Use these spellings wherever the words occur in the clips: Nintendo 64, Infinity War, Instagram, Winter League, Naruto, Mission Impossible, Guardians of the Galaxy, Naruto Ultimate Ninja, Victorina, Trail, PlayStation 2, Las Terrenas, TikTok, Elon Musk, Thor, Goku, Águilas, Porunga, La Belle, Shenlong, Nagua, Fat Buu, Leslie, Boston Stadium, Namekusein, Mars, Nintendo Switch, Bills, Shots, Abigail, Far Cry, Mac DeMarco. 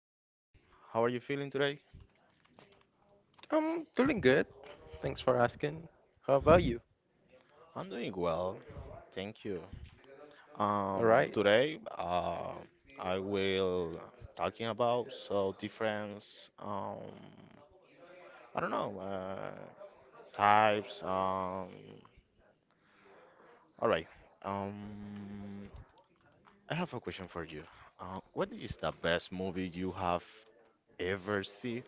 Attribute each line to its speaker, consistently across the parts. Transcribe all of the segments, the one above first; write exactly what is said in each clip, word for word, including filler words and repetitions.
Speaker 1: Perfect. How are you feeling today?
Speaker 2: I'm feeling good. Thanks for asking. How about you?
Speaker 1: I'm doing well, thank you.
Speaker 2: All
Speaker 1: Um,
Speaker 2: right.
Speaker 1: today, uh, I will uh, talking about so different, um, I don't know, uh, types. Um, all right. Um, I have a question for you. Uh, what is the best movie you have ever seen?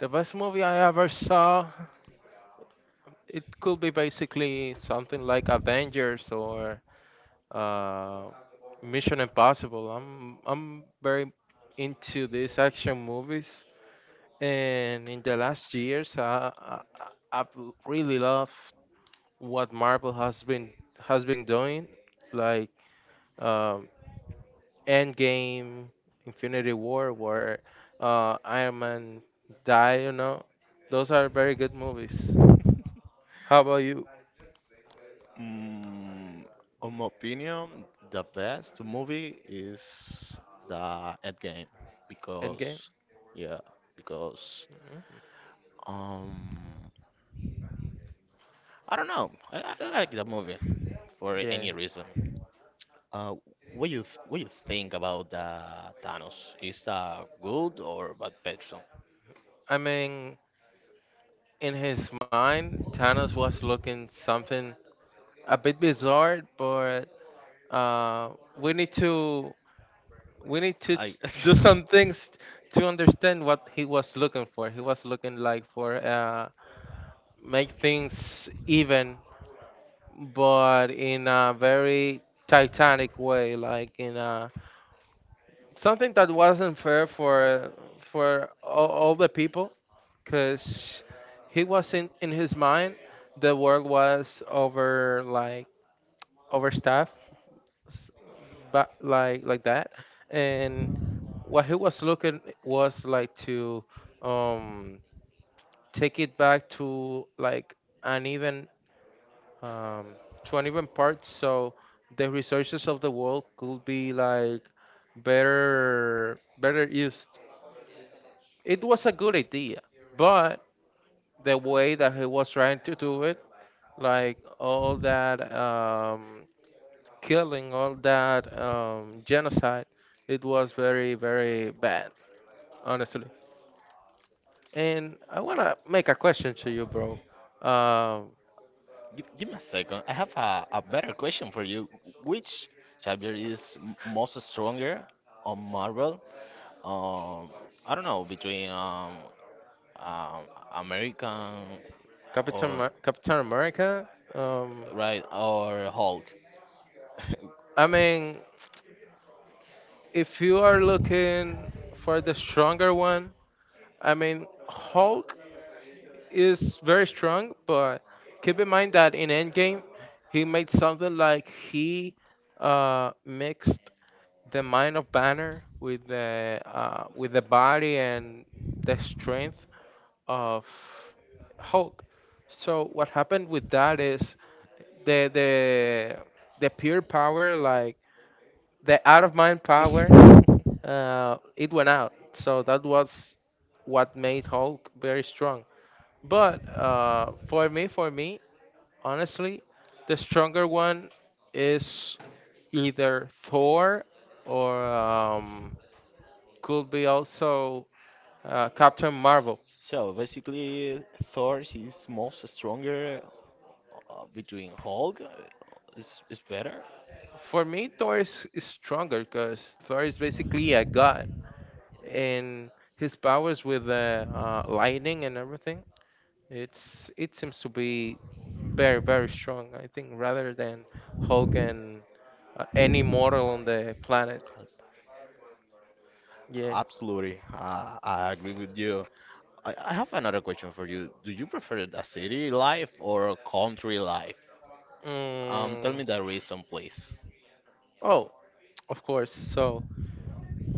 Speaker 2: The best movie I ever saw, it could be basically something like Avengers or uh, Mission Impossible. I'm I'm very into these action movies, and in the last years, I, I I- have really loved what Marvel has been has been doing, like. Um, Endgame, Infinity War, where uh, Iron Man die. You know, those are very good movies. How about you?
Speaker 1: Mm, on my opinion, the best movie is the Endgame
Speaker 2: Endgame.
Speaker 1: because, yeah, because
Speaker 2: Mhm.
Speaker 1: um, I don't know. I, I I like the movie for
Speaker 2: Yeah,
Speaker 1: any reason. Uh, what you th- what you think about the Thanos? Is that good or bad person?
Speaker 2: I mean, in his mind, Thanos was looking something a bit bizarre, but uh, we need to we need to
Speaker 1: I
Speaker 2: ch- do some things to understand what he was looking for. He was looking like for uh, make things even but in a very titanic way, like in a something that wasn't fair for for all, all the people, because he was in in his mind the world was over like overstaffed, s- but like like that, and what he was looking was like to um take it back to like an even um, twenty-one parts. So the resources of the world could be like better better used. It was a good idea, but the way that he was trying to do it, like all that um, killing, all that um, genocide, it was very very bad, honestly. And I wanna make a question to you, bro. Um,
Speaker 1: Give, give me a second. I have a, a better question for you. Which chapter is m- most stronger on Marvel? Um, I don't know between um, um American
Speaker 2: Captain
Speaker 1: or
Speaker 2: Mar- Captain America. Um,
Speaker 1: right or Hulk.
Speaker 2: I mean, if you are looking for the stronger one, I mean, Hulk is very strong, but keep in mind that in Endgame, he made something like he uh, mixed the mind of Banner with the uh, with the body and the strength of Hulk. So what happened with that is the the the pure power, like the out of mind power uh, it went out. So that was what made Hulk very strong. But uh, for me, for me, honestly, the stronger one is either Thor or um, could be also uh, Captain Marvel.
Speaker 1: So basically, Thor is most stronger uh, between Hulk. uh, Is is better.
Speaker 2: For me, Thor is, is stronger because Thor is basically a god, and his powers with the uh, lightning and everything, It's it seems to be very very strong. I think rather than Hulk and uh, any mortal on the planet. Yeah.
Speaker 1: Absolutely, uh, I agree with you. I, I have another question for you. Do you prefer the city life or a country life? Um, tell
Speaker 2: Mm,
Speaker 1: me the reason, please.
Speaker 2: oh, of course. So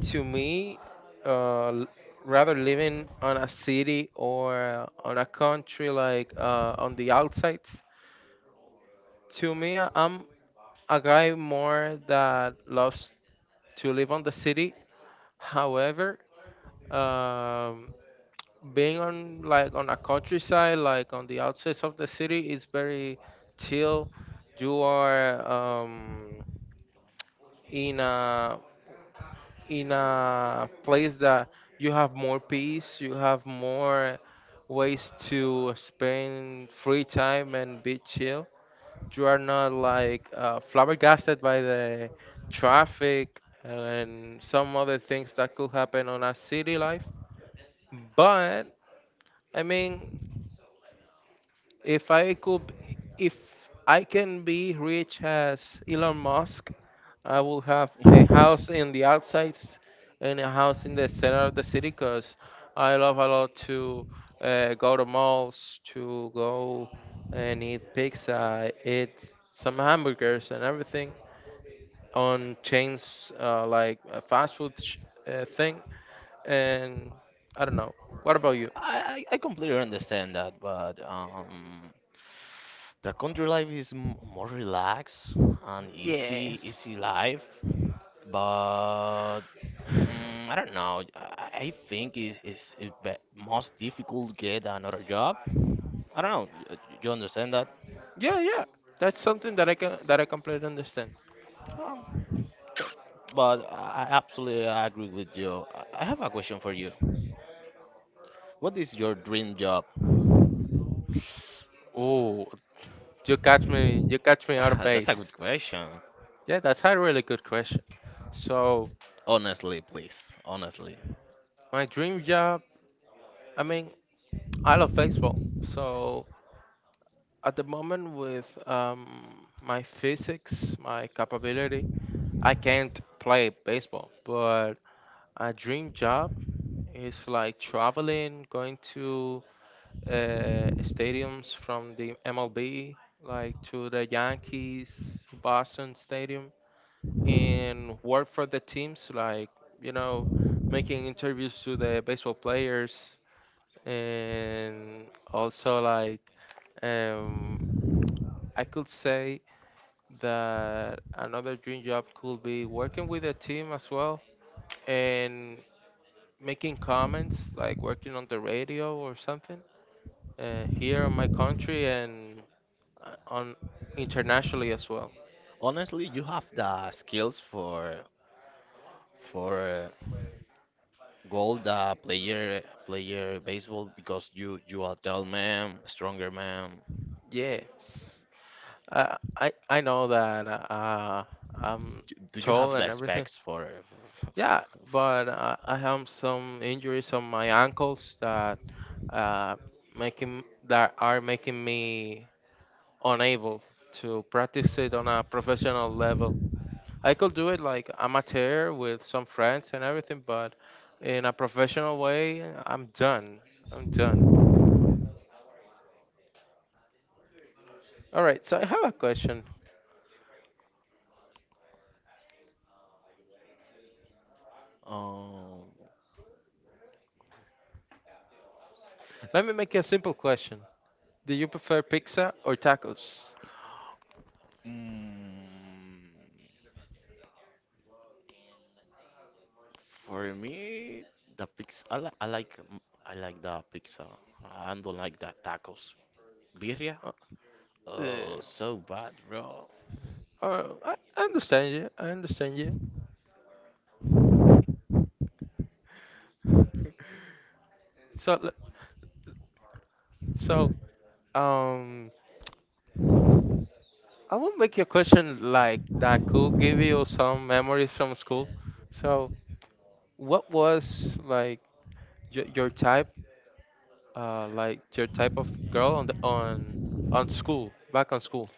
Speaker 2: to me, uh, l- rather living on a city or on a country like uh, on the outsides. To me, I- I'm a guy more that loves to live on the city. However, um, being on like on a countryside, like on the outskirts of the city, is very chill. You are um, in a in a place that you have more peace. You have more ways to spend free time and be chill. You are not like uh, flabbergasted by the traffic and some other things that could happen on a city life. But I mean, If I could, b- if I can be rich as Elon Musk, I will have a house in the outsides and a house in the center of the city because I love a lot to uh, go to malls, to go and eat pizza, eat some hamburgers and everything on chains uh, like a fast food sh- uh, thing. And I don't know. What about you?
Speaker 1: I, I, I completely understand that, but um, the country life is m- more relaxed and easy,
Speaker 2: Yes.
Speaker 1: easy life. But mm, I don't know. I, I think it's, it's, it's be- most difficult to get another job. I don't know. You, you understand that?
Speaker 2: Yeah, yeah. That's something that I can that I completely understand.
Speaker 1: Um, But I I absolutely agree with you. I I have a question for you. What is your dream job?
Speaker 2: Oh, you catch me, you catch me out of
Speaker 1: That's a good
Speaker 2: base.
Speaker 1: question.
Speaker 2: Yeah, that's a really good question. So
Speaker 1: Honestly, please. Honestly.
Speaker 2: my dream job, I mean, I love baseball. So at the moment with um, my physics, my capability, I can't play baseball. But a dream job is like traveling, going to uh, stadiums from the M L B, like to the Yankees, Boston Stadium, and work for the teams, like, you know, making interviews to the baseball players. And also, like, um, I could say that another dream job could be working with a team as well and making comments, like working on the radio or something uh, here in my country and uh, on internationally as well.
Speaker 1: Honestly, you have the skills for for uh, gold uh, player player baseball because you you are tall man, stronger man.
Speaker 2: Yes, I I, I know that uh, I'm
Speaker 1: Do, do you
Speaker 2: tall
Speaker 1: have
Speaker 2: and
Speaker 1: the
Speaker 2: everything.
Speaker 1: specs for, for,
Speaker 2: Yeah,
Speaker 1: for,
Speaker 2: but
Speaker 1: for
Speaker 2: uh, I have some injuries on my ankles that uh, making that are making me unable to practice it on a professional level. I could do it like amateur with some friends and everything, but in a professional way, I'm done. I'm done. All right, so I have a question.
Speaker 1: um,
Speaker 2: Let me make you a simple question. Do you prefer pizza or tacos?
Speaker 1: mm, For me, the pizza. I, li- I like. mm, I like the pizza. I don't like the tacos. Birria.
Speaker 2: Uh, yeah.
Speaker 1: Oh, so bad, bro.
Speaker 2: Oh, I, I understand you. I understand you. So, le- so, um, I will make you a question like that could give you some memories from school. So, what was like your, your type, uh, like your type of girl on the on on school back on school?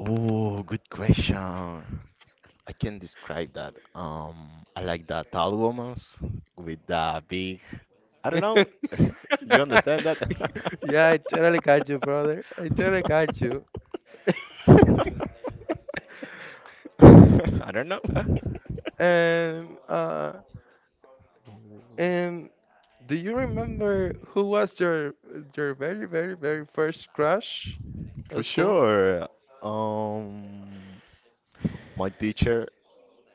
Speaker 1: Oh, good question. I can describe that. Um, I like the tall women with the big. I don't know. You understand that?
Speaker 2: Yeah, I totally got you, brother. I totally got you.
Speaker 1: I don't know.
Speaker 2: And uh, and do you remember who was your your very very very first crush
Speaker 1: For
Speaker 2: at school?
Speaker 1: sure. Um, my teacher.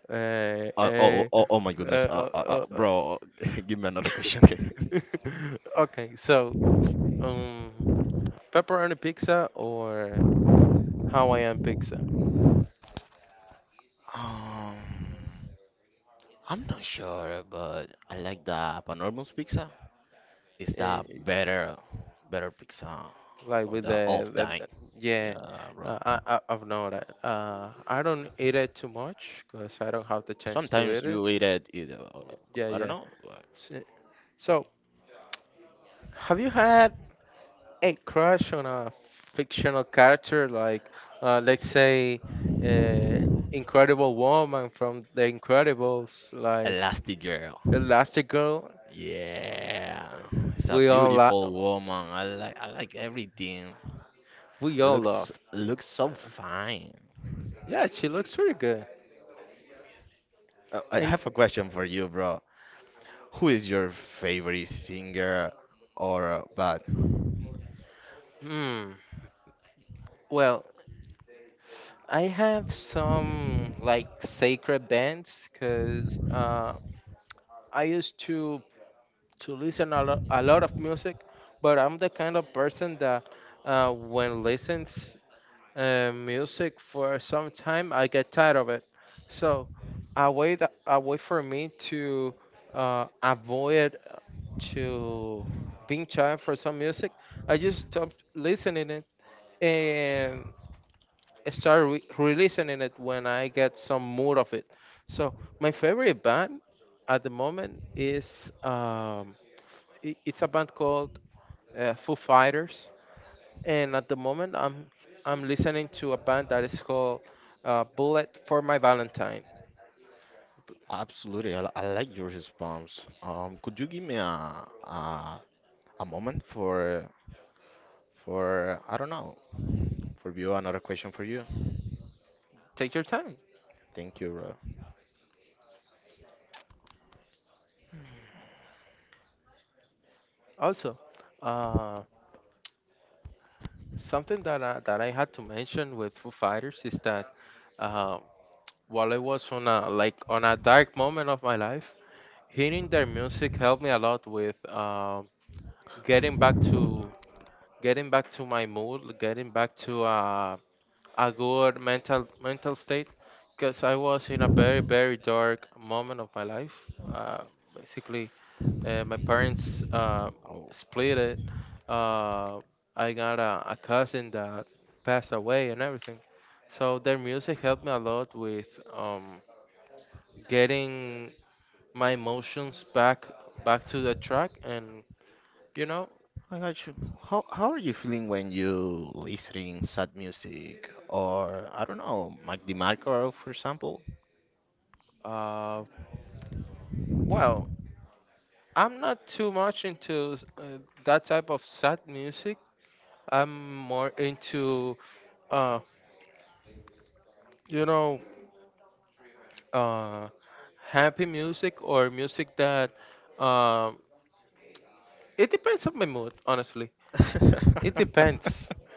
Speaker 2: Uh,
Speaker 1: Uh, oh, oh,
Speaker 2: uh,
Speaker 1: oh, oh my
Speaker 2: uh,
Speaker 1: goodness.
Speaker 2: uh,
Speaker 1: Uh, uh, uh,
Speaker 2: uh,
Speaker 1: bro, give me another question.
Speaker 2: uh. Okay, so um, pepperoni pizza or Hawaiian pizza?
Speaker 1: Um, I'm not sure, but I like the Panormals pizza. It's
Speaker 2: Uh,
Speaker 1: the better, better pizza
Speaker 2: like
Speaker 1: or
Speaker 2: with
Speaker 1: the
Speaker 2: the,
Speaker 1: off
Speaker 2: the,
Speaker 1: time.
Speaker 2: the- yeah,
Speaker 1: Yeah,
Speaker 2: uh,
Speaker 1: bro.
Speaker 2: I, I I've known that. Uh, I don't eat it too much because I don't have the chance to eat
Speaker 1: Sometimes
Speaker 2: it.
Speaker 1: you eat it, it uh,
Speaker 2: Yeah,
Speaker 1: I don't
Speaker 2: yeah.
Speaker 1: know, uh,
Speaker 2: S- So, have you had a crush on a fictional character, like uh, let's say uh, Incredible Woman from The Incredibles, like
Speaker 1: Elastic Girl.
Speaker 2: Elastigirl,
Speaker 1: Yeah, it's a
Speaker 2: we all
Speaker 1: beautiful
Speaker 2: lo-
Speaker 1: woman. I like, I like everything.
Speaker 2: we all
Speaker 1: Looks
Speaker 2: love.
Speaker 1: looks so fine.
Speaker 2: Yeah, she looks pretty good.
Speaker 1: Uh, I
Speaker 2: And
Speaker 1: have a question for you, bro. Who is your favorite singer or uh, band?
Speaker 2: hmm, well, I have some like sacred bands because uh, I used to to listen a lot a lot of music, but I'm the kind of person that uh, when listens uh, music for some time, I get tired of it. So a way that a way for me to uh, avoid uh, to being tired for some music. I just stop listening it and start re- releasing it when I get some mood of it. So my favorite band at the moment is um, i- it's a band called uh, Foo Fighters, and at the moment i'm i'm listening to a band that is called uh, Bullet for My Valentine.
Speaker 1: Absolutely, I, li- I like your response. Um, could you give me a, a a moment for for I don't know for you another question for you?
Speaker 2: Take your time.
Speaker 1: Thank you, bro.
Speaker 2: Also uh, something that I, that I had to mention with Foo Fighters is that uh, while I was on a like on a dark moment of my life, hearing their music helped me a lot with um, getting back to getting back to my mood, getting back to uh, a good mental mental state, because I was in a very very dark moment of my life. Uh, basically, uh, my parents uh,
Speaker 1: Oh,
Speaker 2: split it. Uh, I got a, a cousin that passed away and everything. So their music helped me a lot with um, getting my emotions back back to the track, and you know.
Speaker 1: I got you. How how are you feeling when you listening sad music or I don't know Mac DeMarco, for example?
Speaker 2: uh, well, I'm not too much into uh, that type of sad music. I'm more into uh you know, uh happy music or music that, um it depends on my mood, honestly. It depends.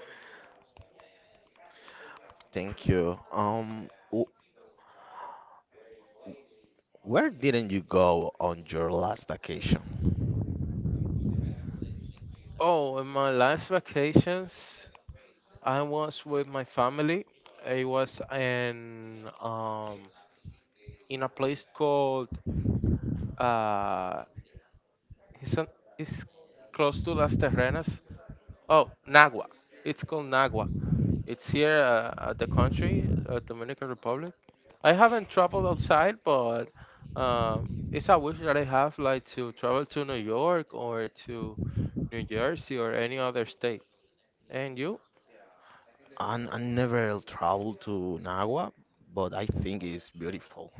Speaker 1: Thank you. Um, w- where didn't you go on your last vacation?
Speaker 2: Oh, in my last vacations, I was with my family. I was in um in a place called uh it's, on, it's close to Las Terrenas. Oh, Nagua. It's called Nagua. It's here uh, at the country, uh, Dominican Republic. I haven't traveled outside, but um, it's a wish that I have, like to travel to New York or to New Jersey or any other state. And you?
Speaker 1: I, I never traveled to Nagua, but I think it's beautiful.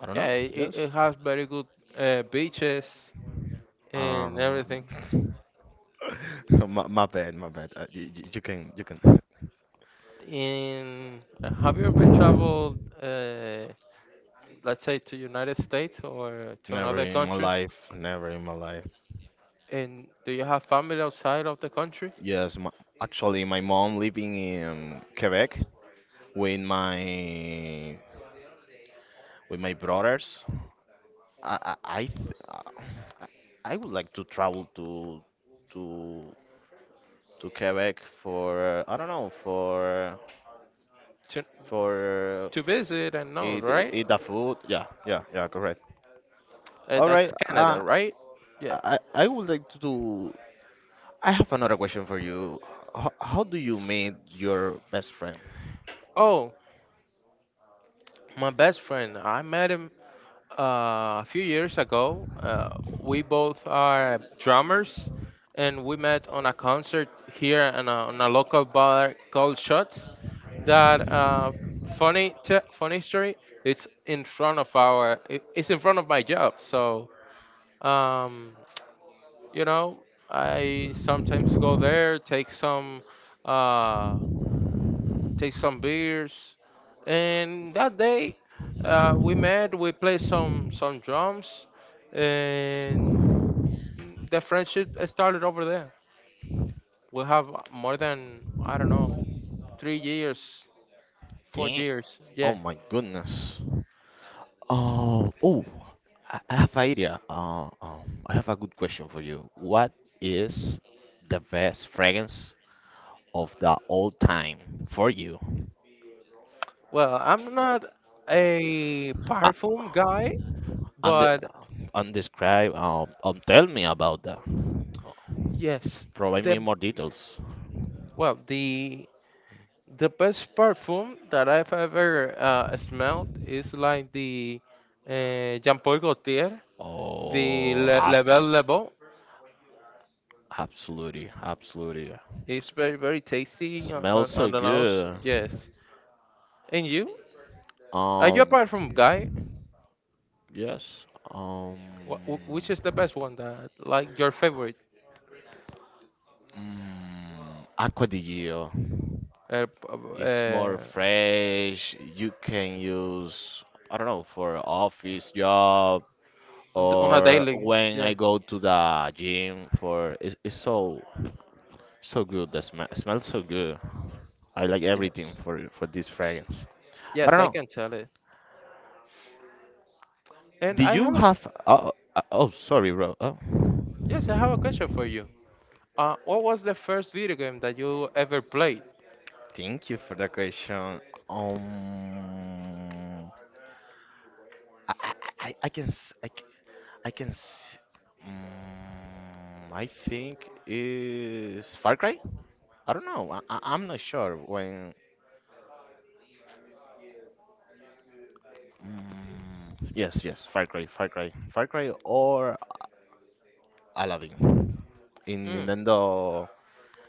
Speaker 1: I don't
Speaker 2: Yeah,
Speaker 1: know.
Speaker 2: it,
Speaker 1: Yes.
Speaker 2: it has very good uh, beaches and
Speaker 1: Um,
Speaker 2: everything.
Speaker 1: my, my bad, my bad. Uh, you, you can, you can.
Speaker 2: In have you ever traveled, uh, let's say, to United States or to
Speaker 1: Never
Speaker 2: another
Speaker 1: in my
Speaker 2: country?
Speaker 1: life, never in my life.
Speaker 2: And do you have family outside of the country
Speaker 1: Yes, my, actually, my mom living in Quebec with my with my brothers. I I I th- I I would like to travel to to to Quebec for I don't know for
Speaker 2: to
Speaker 1: for
Speaker 2: to visit and know,
Speaker 1: eat
Speaker 2: right?
Speaker 1: eat the food. Yeah, yeah, yeah. Correct.
Speaker 2: Uh,
Speaker 1: All right.
Speaker 2: that's Canada,
Speaker 1: Uh,
Speaker 2: right? Yeah.
Speaker 1: I I would like to do. I have another question for you. How, how do you meet your best friend?
Speaker 2: Oh, my best friend. I met him uh, a few years ago. Uh, we both are drummers, and we met on a concert here in a, on a local bar called Shots. That uh, funny, t- funny story. It's in front of our. i- It's in front of my job. So, um, you know, I sometimes go there, take some. Uh, take some beers, and that day uh, we met. We played some some drums, and the friendship started over there. We have more than I don't know three years, four
Speaker 1: Damn.
Speaker 2: years.
Speaker 1: Oh
Speaker 2: Yeah.
Speaker 1: my goodness. Oh, oh, I I have idea. Uh, um, I have a good question for you. What is the best fragrance of the all time for you.
Speaker 2: Well, I'm not a
Speaker 1: Uh,
Speaker 2: perfume guy,
Speaker 1: and
Speaker 2: but
Speaker 1: and describe um, um tell me about that.
Speaker 2: yes,
Speaker 1: Provide
Speaker 2: the
Speaker 1: me more details.
Speaker 2: well the the best perfume that I've ever uh, smelled is like the uh, Jean Paul Gaultier, The
Speaker 1: Oh,
Speaker 2: la-
Speaker 1: ab-
Speaker 2: La Belle Le,
Speaker 1: absolutely, absolutely.
Speaker 2: is very, very tasty on,
Speaker 1: Smells
Speaker 2: on
Speaker 1: so
Speaker 2: on the nose.
Speaker 1: good.
Speaker 2: Yes. And you? Are you
Speaker 1: Um,
Speaker 2: apart from Guy?
Speaker 1: yes. Um,
Speaker 2: Wh- wh- which is the best one that, like, your favorite?
Speaker 1: mm, Aqua di Gio.
Speaker 2: Uh, p-
Speaker 1: It's more
Speaker 2: uh,
Speaker 1: fresh. You can use, I don't know, for office job
Speaker 2: d- on a
Speaker 1: or
Speaker 2: daily?
Speaker 1: when
Speaker 2: Yeah.
Speaker 1: I go to the gym for it's, it's so so good. The smell smells so good. I like everything
Speaker 2: Yes.
Speaker 1: for for this fragrance. I
Speaker 2: Yes,
Speaker 1: don't
Speaker 2: I
Speaker 1: know.
Speaker 2: can tell it. And
Speaker 1: Do
Speaker 2: I
Speaker 1: you
Speaker 2: have, a-
Speaker 1: have oh, oh oh, sorry bro. Oh.
Speaker 2: yes, I have a question for you. Uh, what was the first video game that you ever played?
Speaker 1: Thank you for the question. Um I I, I I can s- I, c- I can s- mm, I think is Far Cry? I don't know. I, I- I'm not sure when. Mm, yes, yes, Far Cry, Far Cry, Far Cry or Aladdin in
Speaker 2: Mm.
Speaker 1: Nintendo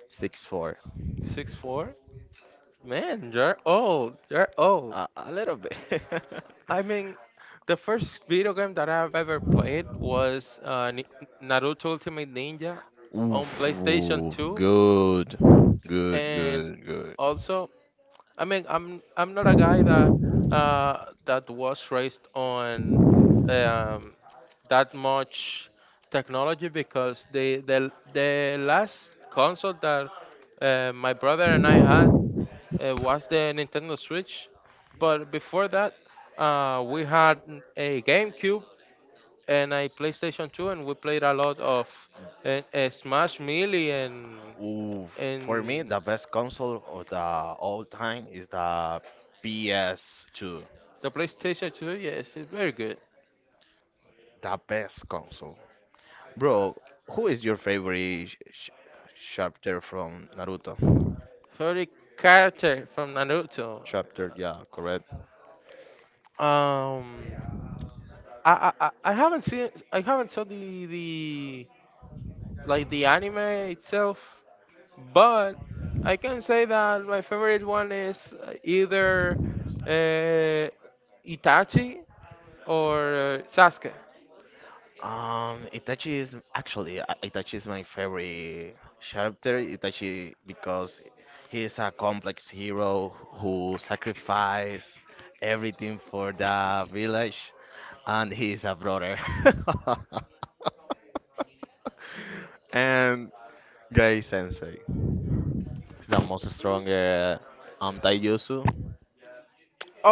Speaker 1: sixty-four.
Speaker 2: Six four? Man, you're old. You're old.
Speaker 1: A, a little bit.
Speaker 2: I mean, the first video game that I've ever played was uh, Ni- Naruto Ultimate Ninja on
Speaker 1: Oof,
Speaker 2: PlayStation
Speaker 1: oof,
Speaker 2: two,
Speaker 1: good, good,
Speaker 2: and
Speaker 1: good, good.
Speaker 2: also, I mean, I'm I'm not a guy that uh, that was raised on um, that much technology, because the the the last console that uh, my brother and I had uh, was the Nintendo Switch, but before that, uh, we had n- a GameCube and I PlayStation two, and we played a lot of uh, uh, Smash Melee and
Speaker 1: Oof. For me,
Speaker 2: and
Speaker 1: the best console of the all time is the P S two.
Speaker 2: the PlayStation two. Yes, it's very good.
Speaker 1: The best console, bro. Who is your favorite sh sh chapter from Naruto?
Speaker 2: Favorite character from Naruto.
Speaker 1: Chapter. Yeah, correct.
Speaker 2: Um, I, I I I haven't seen, I haven't saw the the like the anime itself, but I can say that my favorite one is uh, either uh, Itachi or uh, Sasuke.
Speaker 1: Um, Itachi is actually uh, Itachi is my favorite character. Itachi because he is a complex hero who sacrificed everything for the village, and he is a brother. And Gai Sensei is the most stronger um Taijutsu.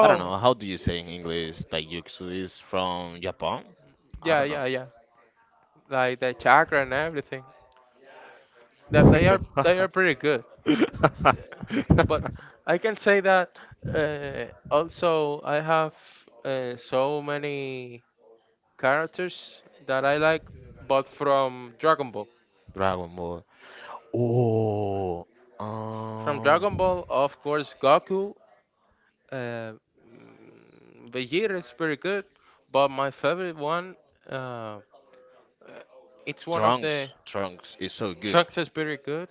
Speaker 1: I don't know how do you say in English Taijutsu is from Japan? I
Speaker 2: yeah,
Speaker 1: don't
Speaker 2: yeah, yeah, like the chakra and everything. That they are
Speaker 1: Dragon
Speaker 2: they are pretty good. But I can say that uh, also I have uh, so many characters that I like, but from Dragon Ball.
Speaker 1: Ball. Oh,
Speaker 2: From Dragon
Speaker 1: um,
Speaker 2: Ball, of course, Goku. Uh, mm, Vegeta is pretty good, but my favorite one, uh, it's one of the
Speaker 1: Trunks. Trunks is so good.
Speaker 2: Trunks is pretty good.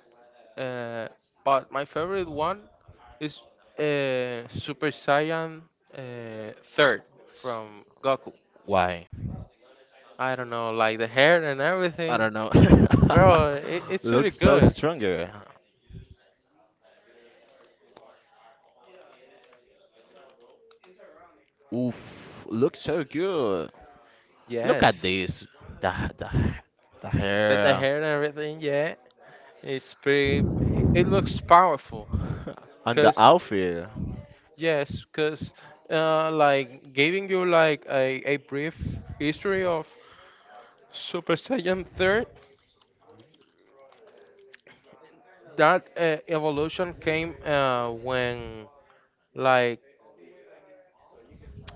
Speaker 2: Uh, but my favorite one, It's uh, Super Saiyan, uh, third
Speaker 1: S-
Speaker 2: from Goku.
Speaker 1: Why?
Speaker 2: I don't know, like the hair and
Speaker 1: I
Speaker 2: everything,
Speaker 1: don't know.
Speaker 2: bro. It, it's really
Speaker 1: Looks so
Speaker 2: good.
Speaker 1: stronger. Oof, looks so good. Look at
Speaker 2: Yes,
Speaker 1: this. The the the
Speaker 2: the, the
Speaker 1: hair
Speaker 2: hair and everything. Yeah, it's pretty. It, it looks powerful.
Speaker 1: and the
Speaker 2: Cause
Speaker 1: outfit.
Speaker 2: yes, cause uh, like giving you like a, a brief history of Super Saiyan third. That uh, evolution came uh, when like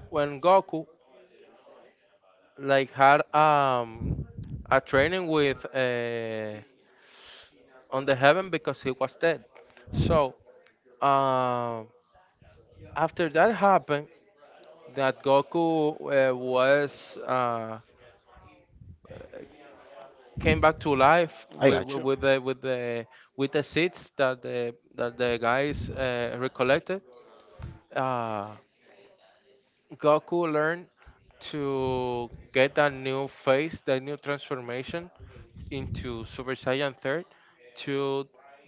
Speaker 2: when Goku like had um a training with uh, on the heaven, because he was dead. So um, after that happened, that Goku uh, was uh, came back to life
Speaker 1: I
Speaker 2: with,
Speaker 1: got you.
Speaker 2: with the with the with the seeds that the that the guys uh, recollected. Uh, Goku learned to get that new face, that new transformation into Super Saiyan Third, to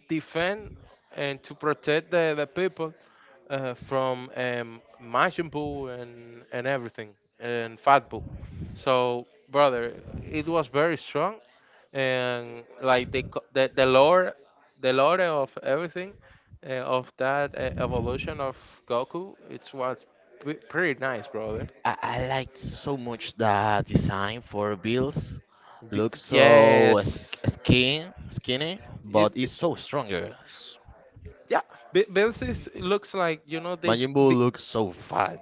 Speaker 2: defend and to protect the, the people uh, from um, Majin Buu and and everything, and Fat Buu. So, brother, it was very strong, and like the co- the the lore, the lore of everything, uh, of that uh, evolution of Goku. It was pre- pretty nice, brother.
Speaker 1: I, I liked so much the design for Bills.
Speaker 2: Be-
Speaker 1: Looks so sk-
Speaker 2: yes.
Speaker 1: skin skinny,
Speaker 2: It,
Speaker 1: but
Speaker 2: it-
Speaker 1: it's so stronger. S-
Speaker 2: Yeah, Bi- Bills is, it looks like, you know this.
Speaker 1: Majin Buu looks so fat.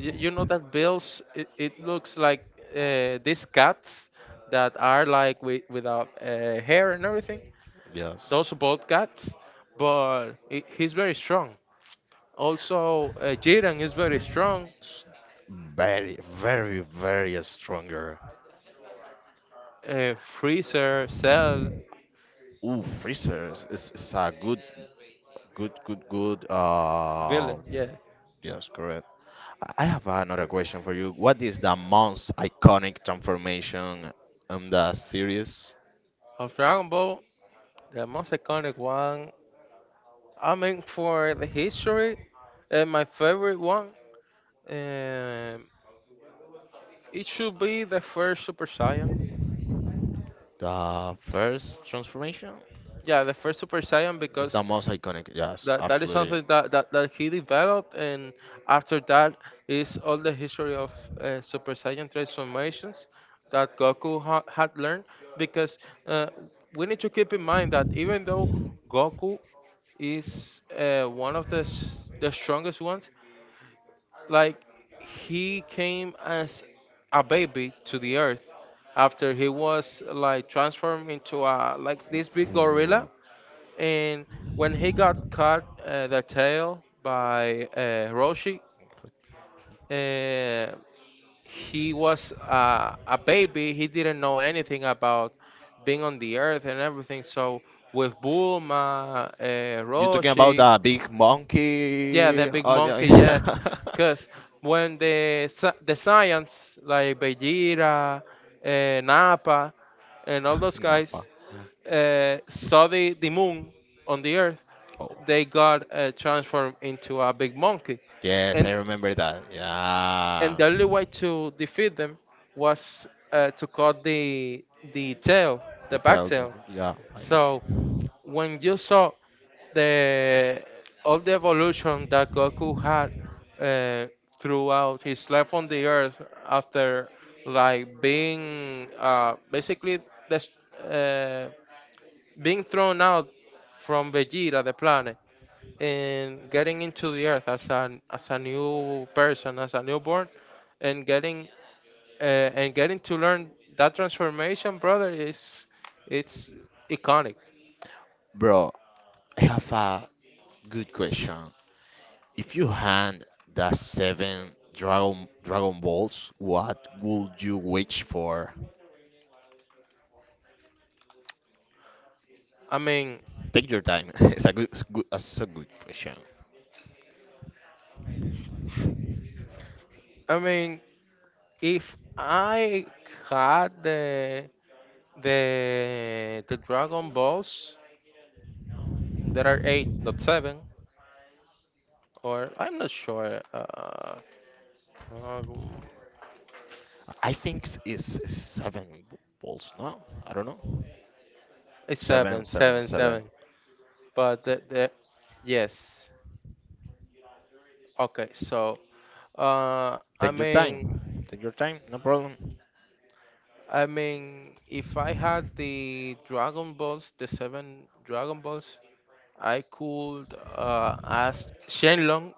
Speaker 2: y- You know that Bills. It, it looks like uh, these cats that are like with, without uh, hair and everything.
Speaker 1: Yes.
Speaker 2: Those are bald cats, but he- he's very strong. Also, uh, Jiren is very strong.
Speaker 1: S- Very, very, very stronger.
Speaker 2: Uh, Freezer, Cell,
Speaker 1: Ooh, freezers is, is a good, good, good, good. Uh,
Speaker 2: villain, yeah.
Speaker 1: yes, correct. I I have another question for you. What is the most iconic transformation in the series?
Speaker 2: Of Dragon Ball, the most iconic one. I mean, for the history, uh, my favorite one. Um It should be the first Super Saiyan.
Speaker 1: The first transformation
Speaker 2: Yeah, the first Super Saiyan
Speaker 1: is the
Speaker 2: because
Speaker 1: most iconic. Yes,
Speaker 2: that, that, is
Speaker 1: absolutely.
Speaker 2: something that, that, that he developed, and after that is all the history of uh, Super Saiyan transformations that Goku ha- had learned. Because uh, we need to keep in mind that, even though Goku is uh, one of the s- the strongest ones, like, he came as a baby to the earth, after he was like transformed into a, like, this big gorilla, and when he got cut uh, the tail by uh, Roshi, uh, he was uh, a baby. He didn't know anything about being on the earth and everything. So with Bulma, uh,
Speaker 1: You talking about
Speaker 2: Roshi,
Speaker 1: the big
Speaker 2: yeah, the
Speaker 1: monkey?
Speaker 2: big
Speaker 1: Oh, yeah,
Speaker 2: monkey, yes,
Speaker 1: yeah.
Speaker 2: because when the sci- the science, like Vegeta, uh, Nappa, and all those
Speaker 1: No.
Speaker 2: guys uh, saw the, the moon on the earth,
Speaker 1: Oh.
Speaker 2: they got uh, transformed into a big monkey.
Speaker 1: Yes, I
Speaker 2: And
Speaker 1: remember that.
Speaker 2: and
Speaker 1: Yeah.
Speaker 2: the only way to defeat them was uh, to cut the the tail,
Speaker 1: The
Speaker 2: the back
Speaker 1: tell them.
Speaker 2: tail.
Speaker 1: Yeah, I got
Speaker 2: So
Speaker 1: you.
Speaker 2: when you saw the all the evolution that Goku had uh, throughout his life on the Earth, after like being uh, basically des- uh, being thrown out from Vegeta, the planet, and getting into the Earth as an as a new person, as a newborn, and getting uh, and getting to learn that transformation, brother, is, it's iconic.
Speaker 1: Bro, I have a good question. If you had the seven Dragon Dragon Balls, what would you wish for?
Speaker 2: I mean,
Speaker 1: Take your time. It's a good, it's good, it's a good question.
Speaker 2: I mean, if I had the the the Dragon Balls, there are eight, not seven, or I'm not sure. Uh, um,
Speaker 1: I think s- it's, it's seven balls. No, I don't know.
Speaker 2: it's
Speaker 1: Seven,
Speaker 2: seven,
Speaker 1: seven,
Speaker 2: seven,
Speaker 1: seven.
Speaker 2: seven. But the, the yes, okay. So, uh, I
Speaker 1: Take your
Speaker 2: mean.
Speaker 1: time. Take your time. No problem.
Speaker 2: I mean, if I had the Dragon Balls, the seven Dragon Balls, I could uh, ask Shenlong,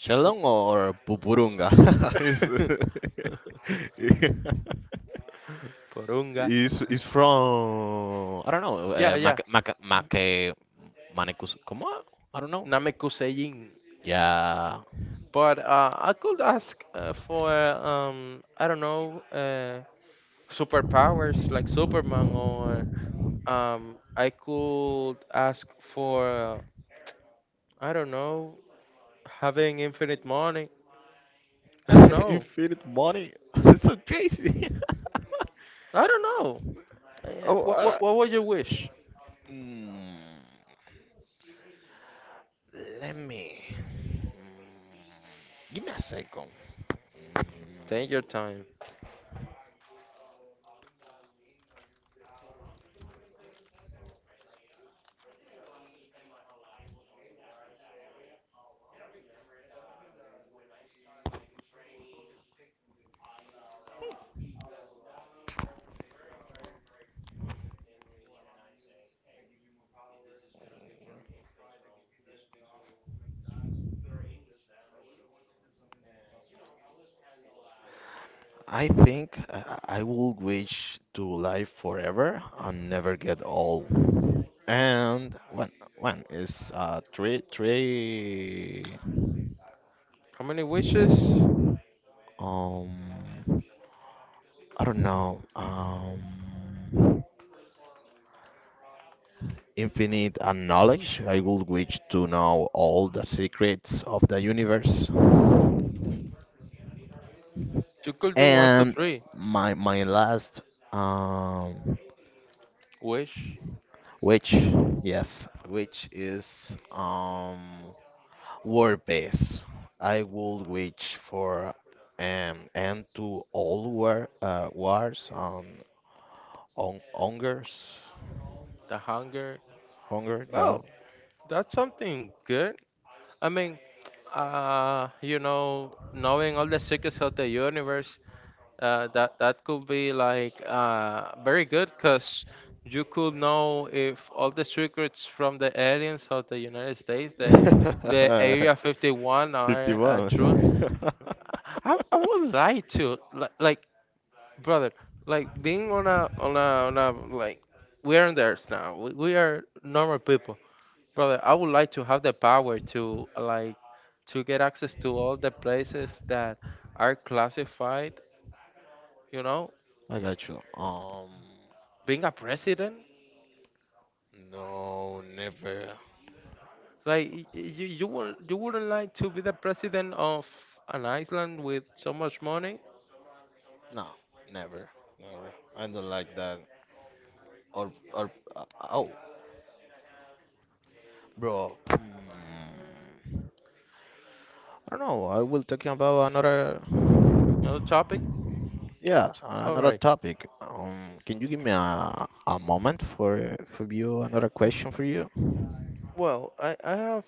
Speaker 1: Shalong or Pupurunga? It's
Speaker 2: Porunga,
Speaker 1: it's is from I don't know.
Speaker 2: yeah,
Speaker 1: Uh,
Speaker 2: yeah,
Speaker 1: Mac Mac Mac Manecus. Come on. I don't know.
Speaker 2: Namekusein.
Speaker 1: Yeah.
Speaker 2: But uh, I could ask uh, for um, I don't know, uh, superpowers like Superman, or um, I could ask for, I don't know, having infinite money. I don't know.
Speaker 1: Infinite money. That's so crazy.
Speaker 2: I don't know. Yeah.
Speaker 1: Oh,
Speaker 2: What,
Speaker 1: I
Speaker 2: what
Speaker 1: don't,
Speaker 2: what would you wish?
Speaker 1: Mm, let me. Mm, give me a second. Mm,
Speaker 2: Take your time.
Speaker 1: I think I, I will wish to live forever and never get old. And when when is uh three three
Speaker 2: How many wishes?
Speaker 1: um I don't know um infinite and knowledge. I would wish to know all the secrets of the universe.
Speaker 2: You could do one to
Speaker 1: And
Speaker 2: three.
Speaker 1: my my last, um
Speaker 2: Wish
Speaker 1: which, yes, which is um word base. I would wish for an end to all war uh, wars, um on hungers
Speaker 2: the hunger.
Speaker 1: hunger. Yeah.
Speaker 2: Well, that's something good. I mean, uh, you know, knowing all the secrets of the universe, uh, that that could be like uh very good, cause you could know if all the secrets from the aliens of the United States, the the Area fifty-one are uh, true.
Speaker 1: fifty-one
Speaker 2: I, I would like to, like, like, brother, like, being on a on a on a like, we are in there now, we, we are normal people, brother. I would like to have the power to, like, to get access to all the places that are classified, you know.
Speaker 1: I got you. Um,
Speaker 2: Being a president,
Speaker 1: no, never.
Speaker 2: like, y- y- you you would, you wouldn't like to be the president of an island with so much money?
Speaker 1: No, never, never. I don't like that. Or, or, uh, oh, bro. Hmm. I don't know. I will talking about another.
Speaker 2: Another topic.
Speaker 1: Yes, a-
Speaker 2: All
Speaker 1: another
Speaker 2: right.
Speaker 1: topic. Um, can you give me a, a moment for for you another question for you?
Speaker 2: Mm, well, i i have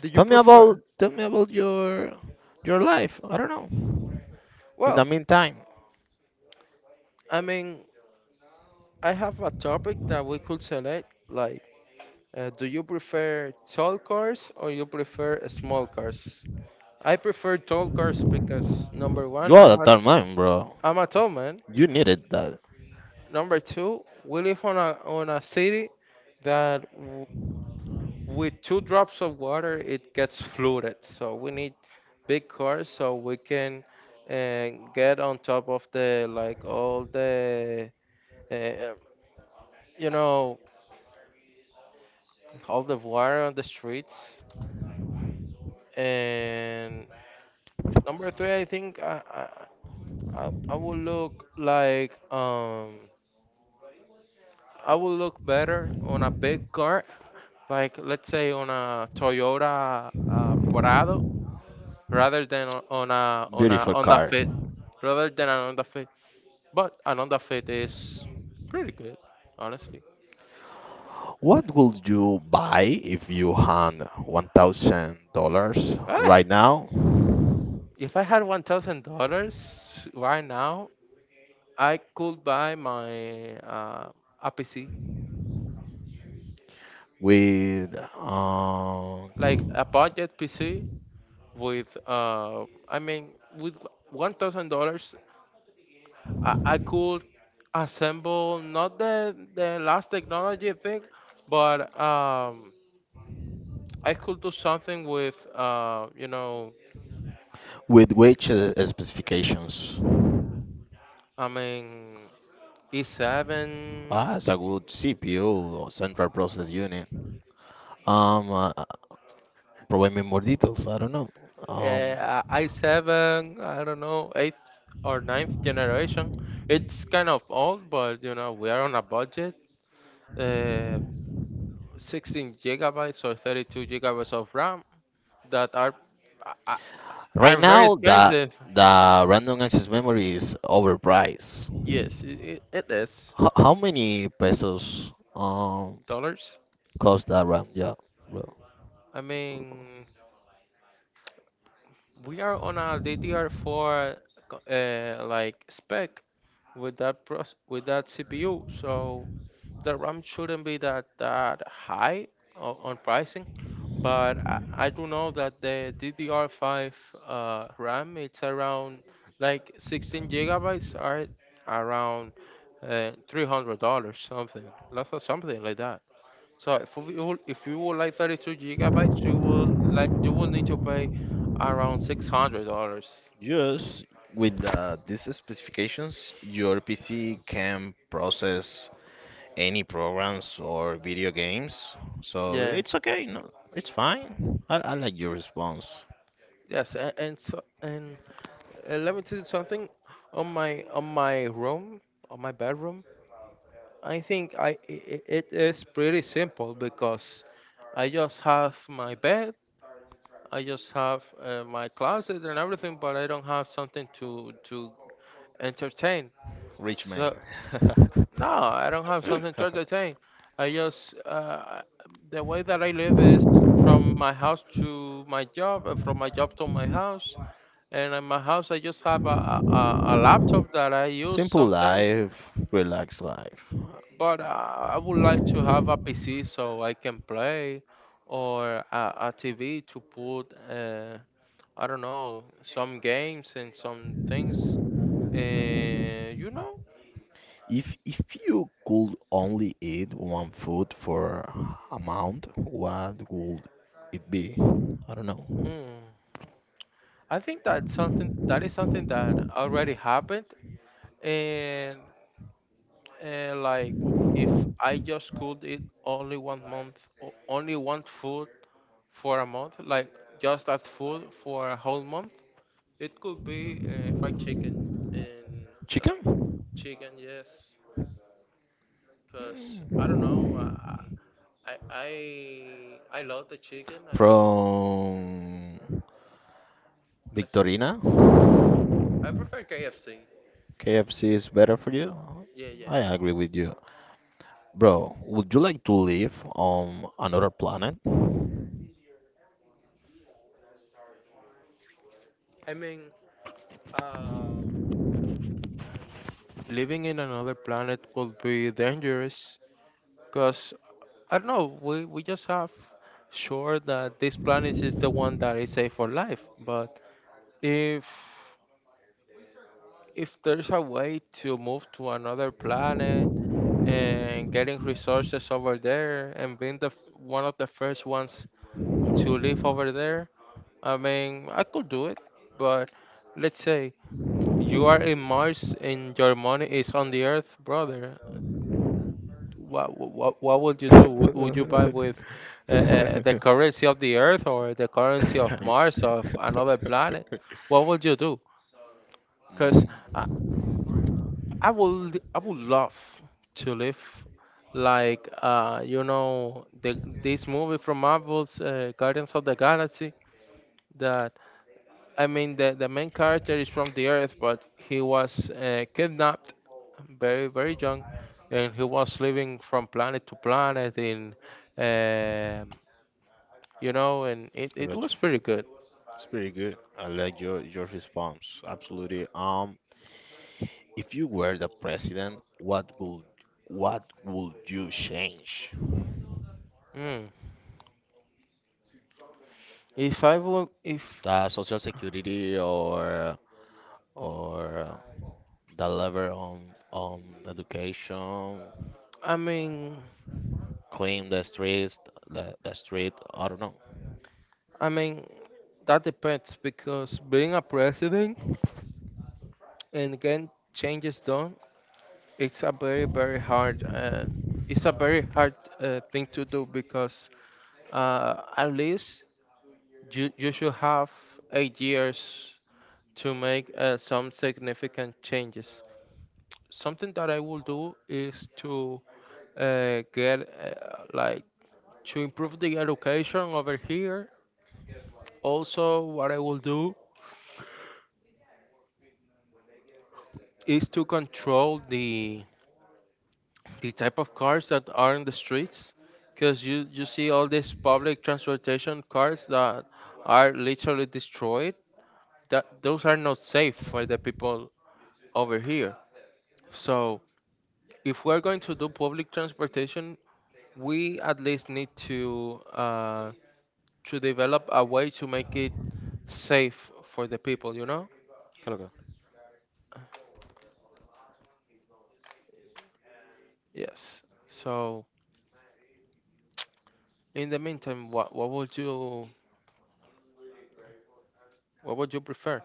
Speaker 2: the you
Speaker 1: Tell me
Speaker 2: Pro-
Speaker 1: about tell me about your your life. I don't know. In the
Speaker 2: well,
Speaker 1: meantime,
Speaker 2: i mean, I have a topic that we could select, like, uh, do you prefer tall cars or you prefer small cars? I prefer tall cars because, number
Speaker 1: you
Speaker 2: one, I'm
Speaker 1: are
Speaker 2: a
Speaker 1: that man, bro.
Speaker 2: I'm a tall man.
Speaker 1: You needed that
Speaker 2: Number two, we live on a on a city that, w- with two drops of water, it gets flooded, so we need big cars so we can uh, get on top of the, like, all the uh, you know, all the water on the streets. And number three, I think I I I I will look like, um I will look better on a big car, like, let's say on a Toyota, uh, Prado, rather than on on a on a
Speaker 1: beautiful
Speaker 2: Honda
Speaker 1: car.
Speaker 2: Fit, rather than an Honda Fit. But an Honda Fit is pretty good, honestly.
Speaker 1: What would you buy if you had one thousand dollars
Speaker 2: Ah,
Speaker 1: right now?
Speaker 2: if I had one thousand dollars right now, I could buy my uh, a P C,
Speaker 1: With uh,
Speaker 2: like a budget P C, with uh i mean with one thousand dollars, I, I could assemble not the the last technology thing, but um i could do something with uh you know,
Speaker 1: with which uh, specifications?
Speaker 2: i mean e seven,
Speaker 1: That's a good C P U or central process unit. Um, uh, provide me more details. I don't know. Um,
Speaker 2: uh, i seven, i don't know, eighth or ninth generation. It's kind of old, but you know, we are on a budget. uh sixteen gigabytes or thirty-two gigabytes of ram, that are, I,
Speaker 1: right
Speaker 2: are very
Speaker 1: now, the
Speaker 2: expensive.
Speaker 1: the random access memory is overpriced.
Speaker 2: Yes, it, it, it is
Speaker 1: H- how many pesos um
Speaker 2: dollars.
Speaker 1: cost that RAM? Yeah, bro.
Speaker 2: I mean, we are on a D D R four co- uh, like spec with that pros, with that C P U, so the RAM shouldn't be that that high o- on pricing. But I, I do know that the D D R five uh, RAM, it's around, like, sixteen gigabytes are around uh, three hundred dollars something, lots of something like that. So if you if you would like thirty-two gigabytes, you will, like, you will need to pay around six hundred dollars.
Speaker 1: Yes, with uh, these specifications, your P C can process any programs or video games, so
Speaker 2: Yeah.
Speaker 1: it's okay. No, it's fine. I, I like your response.
Speaker 2: Yes. And and, so, and uh, let me tell you something. On my on my room, on my bedroom, I think I it, it is pretty simple because I just have my bed, I just have uh, my closet and everything, but I don't have something to to entertain.
Speaker 1: Rich man.
Speaker 2: So, no, I don't have something to entertain. I just uh, the way that I live is from my house to my job, and from my job to my house. And in my house, I just have a, a, a laptop that I use
Speaker 1: Simple
Speaker 2: sometimes.
Speaker 1: life, relaxed life.
Speaker 2: But uh, I would like to have a P C so I can play, or a T V to put, uh, I don't know, some games and some things. Uh, you know.
Speaker 1: If if you could only eat one food for a month, what would it be? I don't know.
Speaker 2: Mm. I think that something, that is something that already happened. And uh, like, if i just could eat only one month, o- only one food for a month, like, just that food for a whole month, it could be uh, fried chicken. And uh, like,
Speaker 1: Chicken?
Speaker 2: chicken, yes, because i don't know.
Speaker 1: Mm.
Speaker 2: I, I i i love the chicken, i love.
Speaker 1: From Victorina?
Speaker 2: I prefer KFC.
Speaker 1: K F C is better for you?
Speaker 2: Yeah, yeah.
Speaker 1: I agree with you. Bro, would you like to live on another planet?
Speaker 2: i mean uh, living in another planet could be dangerous, because I don't know. We we just have sure that this planet is the one that is safe for life. But if if there's a way to move to another planet and getting resources over there, and being the f- one of the first ones to live over there, I mean, I could do it. But let's say you are in Mars and your money is on the Earth, brother. what what what would you do? Would would you buy with uh, uh, the currency of the Earth, or the currency of Mars, or of another planet? What would you do? Because I,
Speaker 1: Mm,
Speaker 2: I would I would love to live like uh you know the this movie from Marvel's uh, Guardians of the Galaxy that I mean, the, the main character is from the Earth, but he was uh, kidnapped very, very young, and he was living from planet to planet in, um you know, and it,
Speaker 1: I
Speaker 2: it
Speaker 1: got
Speaker 2: was
Speaker 1: you.
Speaker 2: pretty good.
Speaker 1: It's pretty good. I like your your response. Absolutely. Um, If you were the president, what would what would you change?
Speaker 2: Mm. If I would, if
Speaker 1: The social security, or or the lever on on education,
Speaker 2: I mean,
Speaker 1: clean the streets, the, the street, I don't know.
Speaker 2: I mean, that depends because being a president and again changes done, it's a very, very hard, uh, it's a very hard uh, thing to do because uh, at least You, you should have eight years to make uh, some significant changes. Something that I will do is to uh, get uh, like to improve the education over here. Also, what I will do is to control the the type of cars that are in the streets, because you you see all these public transportation cars that are literally destroyed. That those are not safe for the people over here. So if we're going to do public transportation, we at least need to uh, to develop a way to make it safe for the people. You know?
Speaker 1: Hello.
Speaker 2: Yes. So in the meantime, what what would you what would you prefer?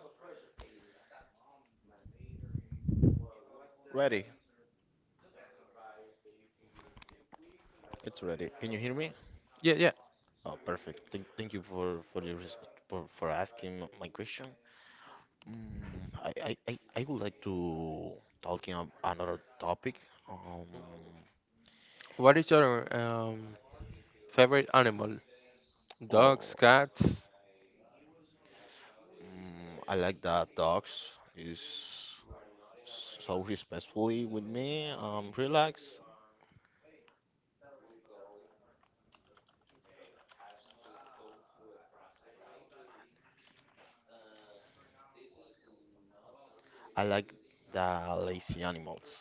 Speaker 1: Ready. It's ready. Can you hear me?
Speaker 2: Yeah, yeah.
Speaker 1: Oh, perfect. Thank, thank you for for your res- for, for asking m- my question. Mm, I, I, I I would like to talking on another topic. Um,
Speaker 2: What is your um, favorite animal? Dogs,
Speaker 1: oh,
Speaker 2: cats?
Speaker 1: Mm, I like that dogs is so respectfully with me, um, relax. I like the lazy animals,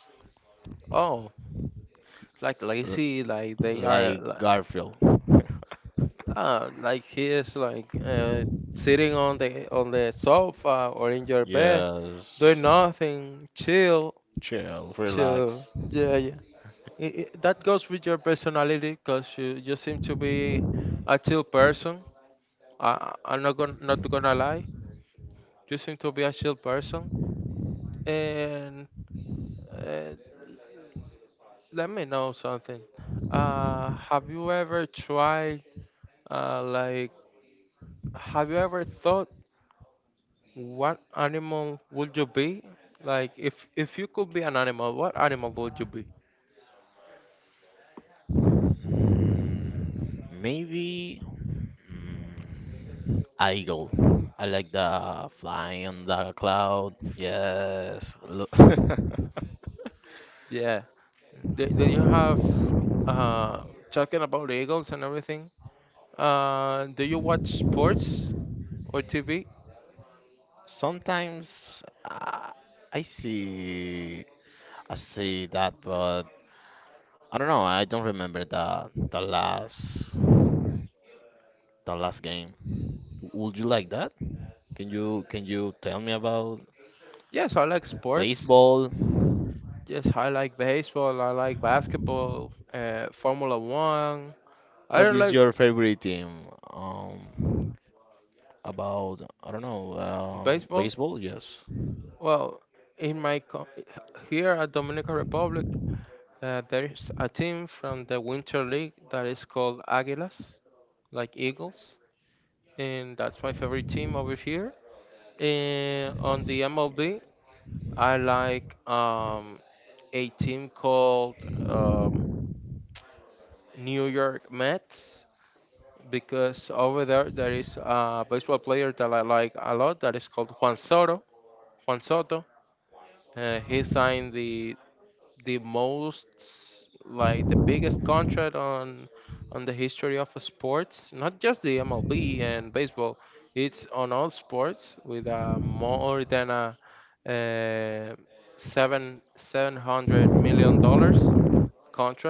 Speaker 2: Oh, like
Speaker 1: L-
Speaker 2: lazy, like they are.
Speaker 1: like
Speaker 2: Like,
Speaker 1: Garfield.
Speaker 2: ah, like he is like uh, sitting on the on the sofa or in your bed.
Speaker 1: Yes,
Speaker 2: Doing nothing, chill,
Speaker 1: chill,
Speaker 2: chill.
Speaker 1: relax.
Speaker 2: Yeah, yeah. I- I- that goes with your personality because you, you seem to be a chill person. I, I- I'm not gonna, not gonna lie. You seem to be a chill person. And uh, let me know something. Uh, have you ever tried? uh, like, have you ever thought what animal would you be? Like, if if you could be an animal, what animal would you be?
Speaker 1: Maybe mm, eagle. I like the flying on the cloud. Yes. Look.
Speaker 2: Yeah. Do, do you have Uh, Talking about Eagles and everything. Uh, do you watch sports or T V?
Speaker 1: Sometimes uh, I see I see that, but I don't know. I don't remember the the last the last game. Would you like that? Can you can you tell me about
Speaker 2: Yes, I like sports.
Speaker 1: baseball?
Speaker 2: Yes, I like baseball. I like basketball. Uh, Formula One. I
Speaker 1: What
Speaker 2: don't
Speaker 1: is
Speaker 2: like
Speaker 1: your favorite team? Um, about I don't know. Um,
Speaker 2: baseball.
Speaker 1: baseball? Yes.
Speaker 2: Well, in my co- here at Dominican Republic, uh, there is a team from the Winter League that is called Águilas, like Eagles, and that's my favorite team over here. And on the M L B, I like um, a team called um, New York Mets because over there there is a baseball player that I like a lot that is called Juan Soto. Juan Soto. Uh, he signed the the most like the biggest contract on on the history of sports, not just the M L B and baseball. It's on all sports with uh, more than a, uh seven seven hundred million dollars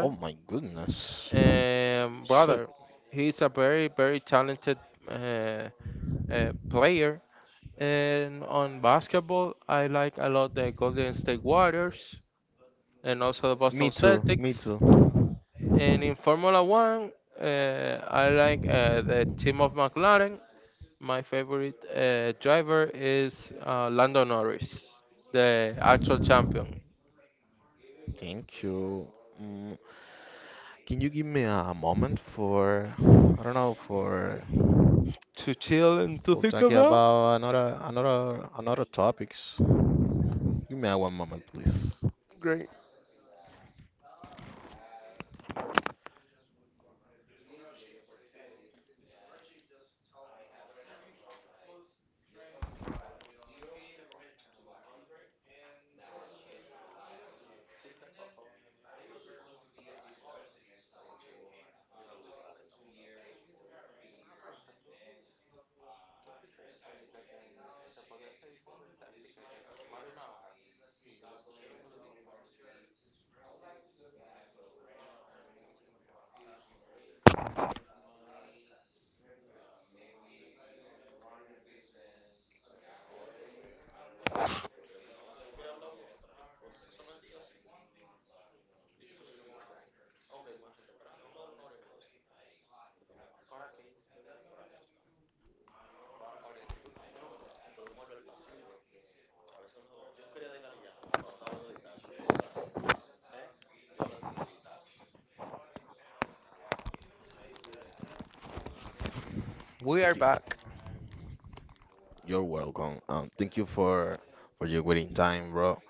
Speaker 1: Oh my goodness.
Speaker 2: Um,
Speaker 1: So
Speaker 2: brother, he's a very very talented uh, uh, player. And on basketball, I like a lot the Golden State Warriors and also the
Speaker 1: me
Speaker 2: Boston
Speaker 1: too. Me
Speaker 2: Celtics.
Speaker 1: too.
Speaker 2: And in Formula One, uh, I like uh, the team of McLaren. My favorite uh, driver is uh, Lando Norris, the actual champion.
Speaker 1: Thank you. Mm, Can you give me a moment for, I don't know, for
Speaker 2: To chill and to
Speaker 1: we'll
Speaker 2: think
Speaker 1: talk
Speaker 2: about.
Speaker 1: about another another another topics. Give me a one moment, please.
Speaker 2: Great. We are
Speaker 1: Thank you.
Speaker 2: back.
Speaker 1: You're welcome. Um, thank you for for your waiting time, bro.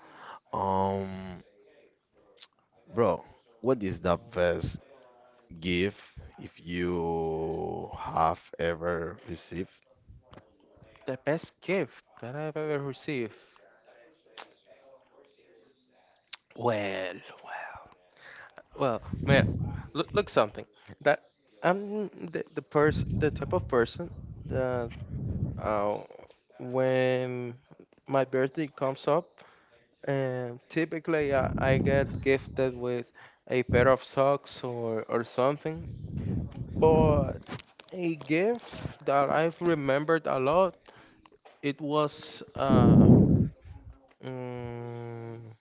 Speaker 1: Um, bro, what is the best gift if you have ever received?
Speaker 2: The best gift that I've ever received. Well, well, well. Man, look, look something. That I'm the the person, the type of person that uh, when my birthday comes up, Um, typically, I, I get gifted with a pair of socks or, or something, but a gift that I've remembered a lot, it was uh, mm,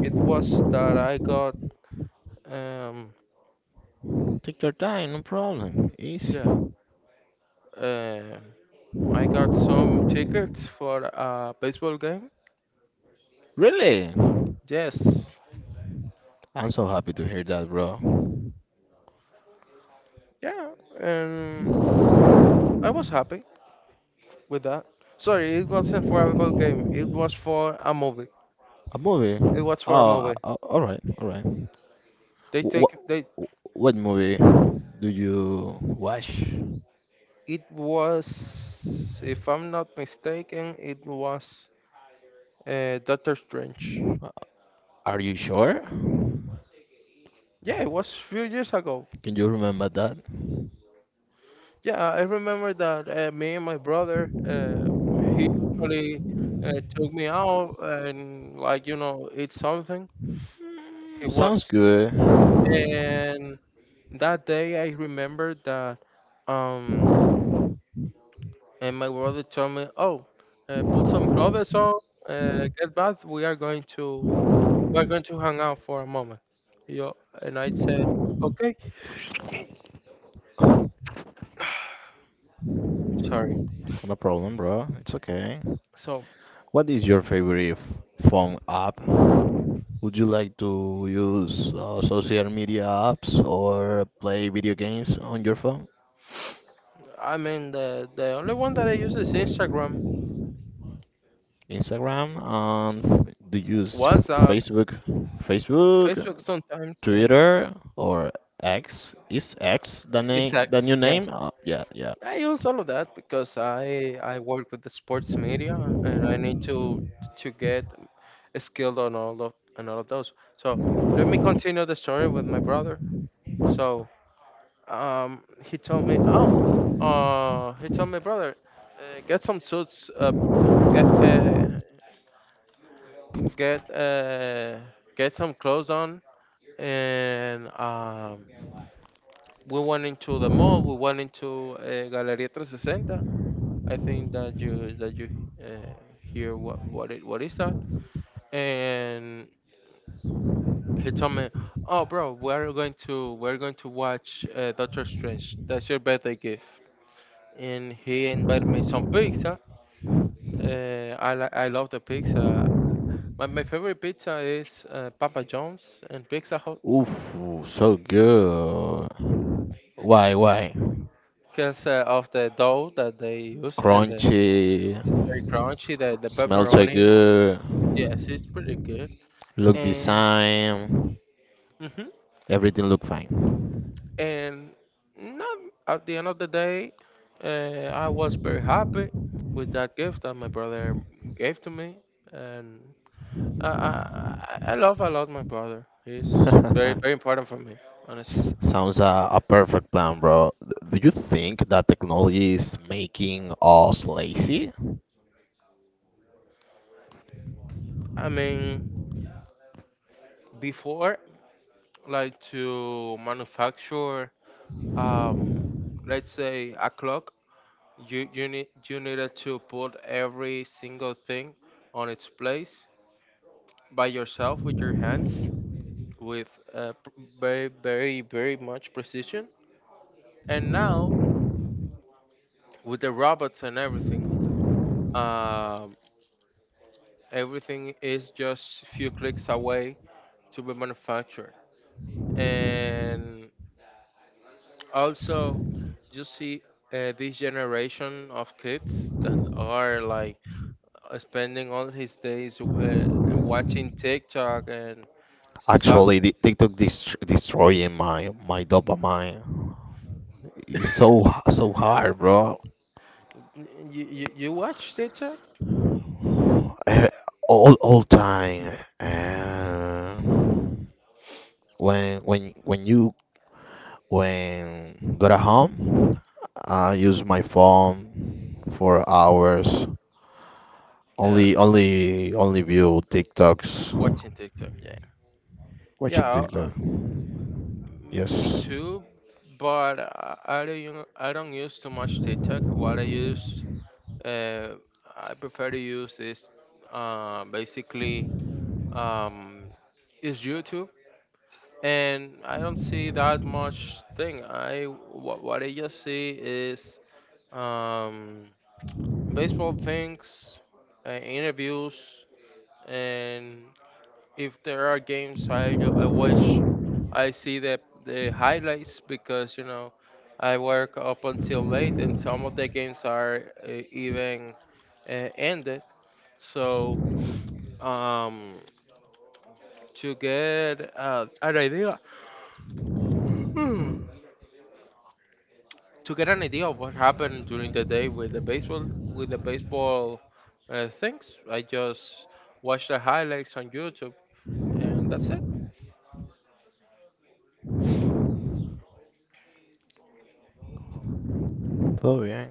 Speaker 2: it was that I got um,
Speaker 1: Take your time, no problem. Easy.
Speaker 2: yeah, um, I got some tickets for a baseball game.
Speaker 1: Really?
Speaker 2: Yes,
Speaker 1: I'm so happy to hear that, bro.
Speaker 2: yeah, and I was happy with that. Sorry, it wasn't for a baseball game. It was for a movie.
Speaker 1: A movie?
Speaker 2: It was for a
Speaker 1: Oh, uh,
Speaker 2: movie.
Speaker 1: uh, all right, all right.
Speaker 2: They
Speaker 1: What
Speaker 2: take they
Speaker 1: what movie do you watch?
Speaker 2: It was, if I'm not mistaken, it was uh, Doctor Strange.
Speaker 1: Uh, Are you sure?
Speaker 2: Yeah, it was a few years ago.
Speaker 1: Can you remember that?
Speaker 2: Yeah, I remember that uh, me and my brother, uh, he actually uh, took me out and like you know eat something. He
Speaker 1: Mm, sounds
Speaker 2: was
Speaker 1: good.
Speaker 2: And that day I remember that um and my brother told me, oh, uh, put some clothes on, uh, get bath. We are going to we're going to hang out for a moment. Yo, and I said, okay, sorry.
Speaker 1: No problem, bro. It's okay.
Speaker 2: So,
Speaker 1: What is your favorite phone app? Would you like to use uh, social media apps or play video games on your phone?
Speaker 2: I mean, the, the only one that I use is Instagram,
Speaker 1: Instagram and f- do you use
Speaker 2: WhatsApp,
Speaker 1: Facebook, Facebook,
Speaker 2: Facebook sometimes, yeah.
Speaker 1: Twitter or X? Is X the
Speaker 2: It's
Speaker 1: name, the new
Speaker 2: X, yes.
Speaker 1: name? Uh, yeah, yeah.
Speaker 2: I use all of that because I I work with the sports media and I need to to get skilled on all of on all of those. So let me continue the story with my brother. So um, he told me, oh, uh, he told my brother, uh, get some suits uh, uh, get uh, get some clothes on, and um, we went into the mall. We went into uh, Galeria three sixty. I think that you that you uh, hear what what it what is that? And he told me, "Oh, bro, we're going to we're going to watch uh, Doctor Strange. That's your birthday gift." And he invited me some pizza. Uh, I li- I love the pizza. My, my favorite pizza is uh, Papa John's and Pizza Hut,
Speaker 1: Oof, so good. Why, why?
Speaker 2: because uh, of the dough that they use and the
Speaker 1: Crunchy,
Speaker 2: very crunchy, the, the
Speaker 1: smells so
Speaker 2: pepperoni.
Speaker 1: good.
Speaker 2: Yes, it's pretty good.
Speaker 1: Look the
Speaker 2: And
Speaker 1: same.
Speaker 2: hmm
Speaker 1: Everything look fine.
Speaker 2: and not at the end of the day, uh, I was very happy with that gift that my brother gave to me, and I I, I I love a lot my brother. He's very very important for me, honestly.
Speaker 1: S- Sounds a, a perfect plan, bro. Do you think that technology is making us lazy?
Speaker 2: I mean, before, like to manufacture um let's say a clock, You you need you needed to put every single thing on its place by yourself with your hands with uh, p- very very very much precision. And now with the robots and everything, um, everything is just few clicks away to be manufactured. And also, you see uh, this generation of kids that are like uh, spending all his days uh, watching TikTok. And So
Speaker 1: Actually, the TikTok dest destroying my my dopamine. It's so h- so hard, bro.
Speaker 2: you you, you watch TikTok?
Speaker 1: Eh, All all time. Uh, when when when you When got at home, I use my phone for hours.
Speaker 2: Yeah,
Speaker 1: Only, only, only view TikToks.
Speaker 2: watching TikTok. Yeah.
Speaker 1: Watching
Speaker 2: Yeah,
Speaker 1: TikTok.
Speaker 2: uh, me
Speaker 1: Yes.
Speaker 2: too. But I, I don't u- I don't use too much TikTok. What I use, uh, I prefer to use is uh, basically um, is YouTube, and I don't see that much thing. I what, what I just see is um, baseball things, uh, interviews, and if there are games I ju- I watch I see the the highlights because you know I work up until late and some of the games are uh, even uh, ended. So um to get uh, an idea, to get an idea of what happened during the day with the baseball, with the baseball uh, things, I just watch the highlights on YouTube, and that's it.
Speaker 1: Oh yeah,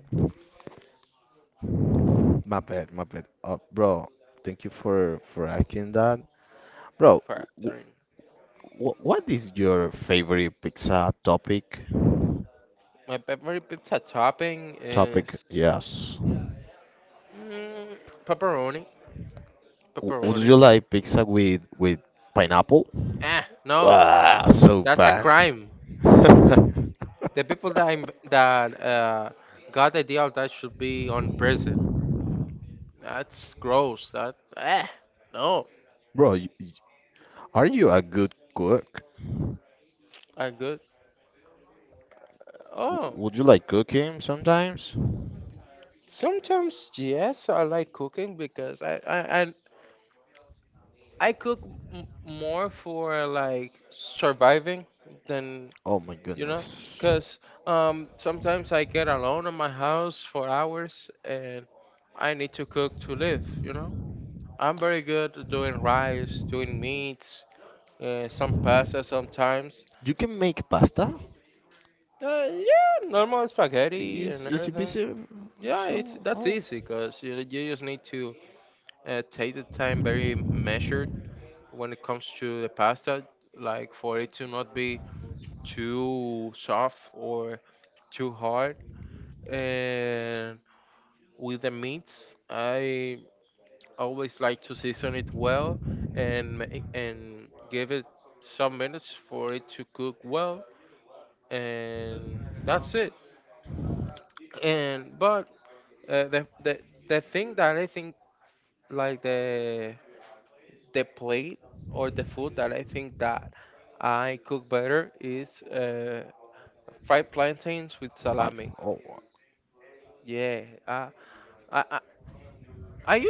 Speaker 1: my bad, my bad. Uh, bro, thank you for for asking that. Bro,
Speaker 2: For
Speaker 1: w
Speaker 2: answering,
Speaker 1: w what is your favorite pizza topic?
Speaker 2: my peppery pizza topping
Speaker 1: Topic,
Speaker 2: is
Speaker 1: yes.
Speaker 2: Mm, pepperoni,
Speaker 1: W would
Speaker 2: pepperoni.
Speaker 1: you like pizza with with pineapple?
Speaker 2: Eh, no,
Speaker 1: Ah, so
Speaker 2: that's a
Speaker 1: bad.
Speaker 2: crime. The people that im- that uh, got the idea of that should be on prison. That's gross. That eh, no,
Speaker 1: Bro, you, you- are you a good cook?
Speaker 2: I good.
Speaker 1: W-
Speaker 2: Oh,
Speaker 1: Would you like cooking sometimes?
Speaker 2: sometimes yes, I like cooking because I I I, I cook m- more for like surviving than
Speaker 1: Oh my
Speaker 2: you know
Speaker 1: goodness.
Speaker 2: because um, sometimes I get alone in my house for hours and I need to cook to live you know I'm very good at doing rice, doing meats, uh, some pasta sometimes.
Speaker 1: You can make pasta?
Speaker 2: Uh, yeah, normal spaghetti
Speaker 1: Is
Speaker 2: and
Speaker 1: is it
Speaker 2: everything.
Speaker 1: busy?
Speaker 2: Yeah it's
Speaker 1: So,
Speaker 2: That's
Speaker 1: oh.
Speaker 2: easy because you, you just need to uh, take the time very measured when it comes to the pasta, like for it to not be too soft or too hard, and with the meats, I always like to season it well, and ma- and give it some minutes for it to cook well, and that's it. And but uh, the the the thing that I think, like the the plate or the food that I think that I cook better is uh, fried plantains with
Speaker 1: Five.
Speaker 2: salami.
Speaker 1: Oh, wow.
Speaker 2: Yeah, I I I I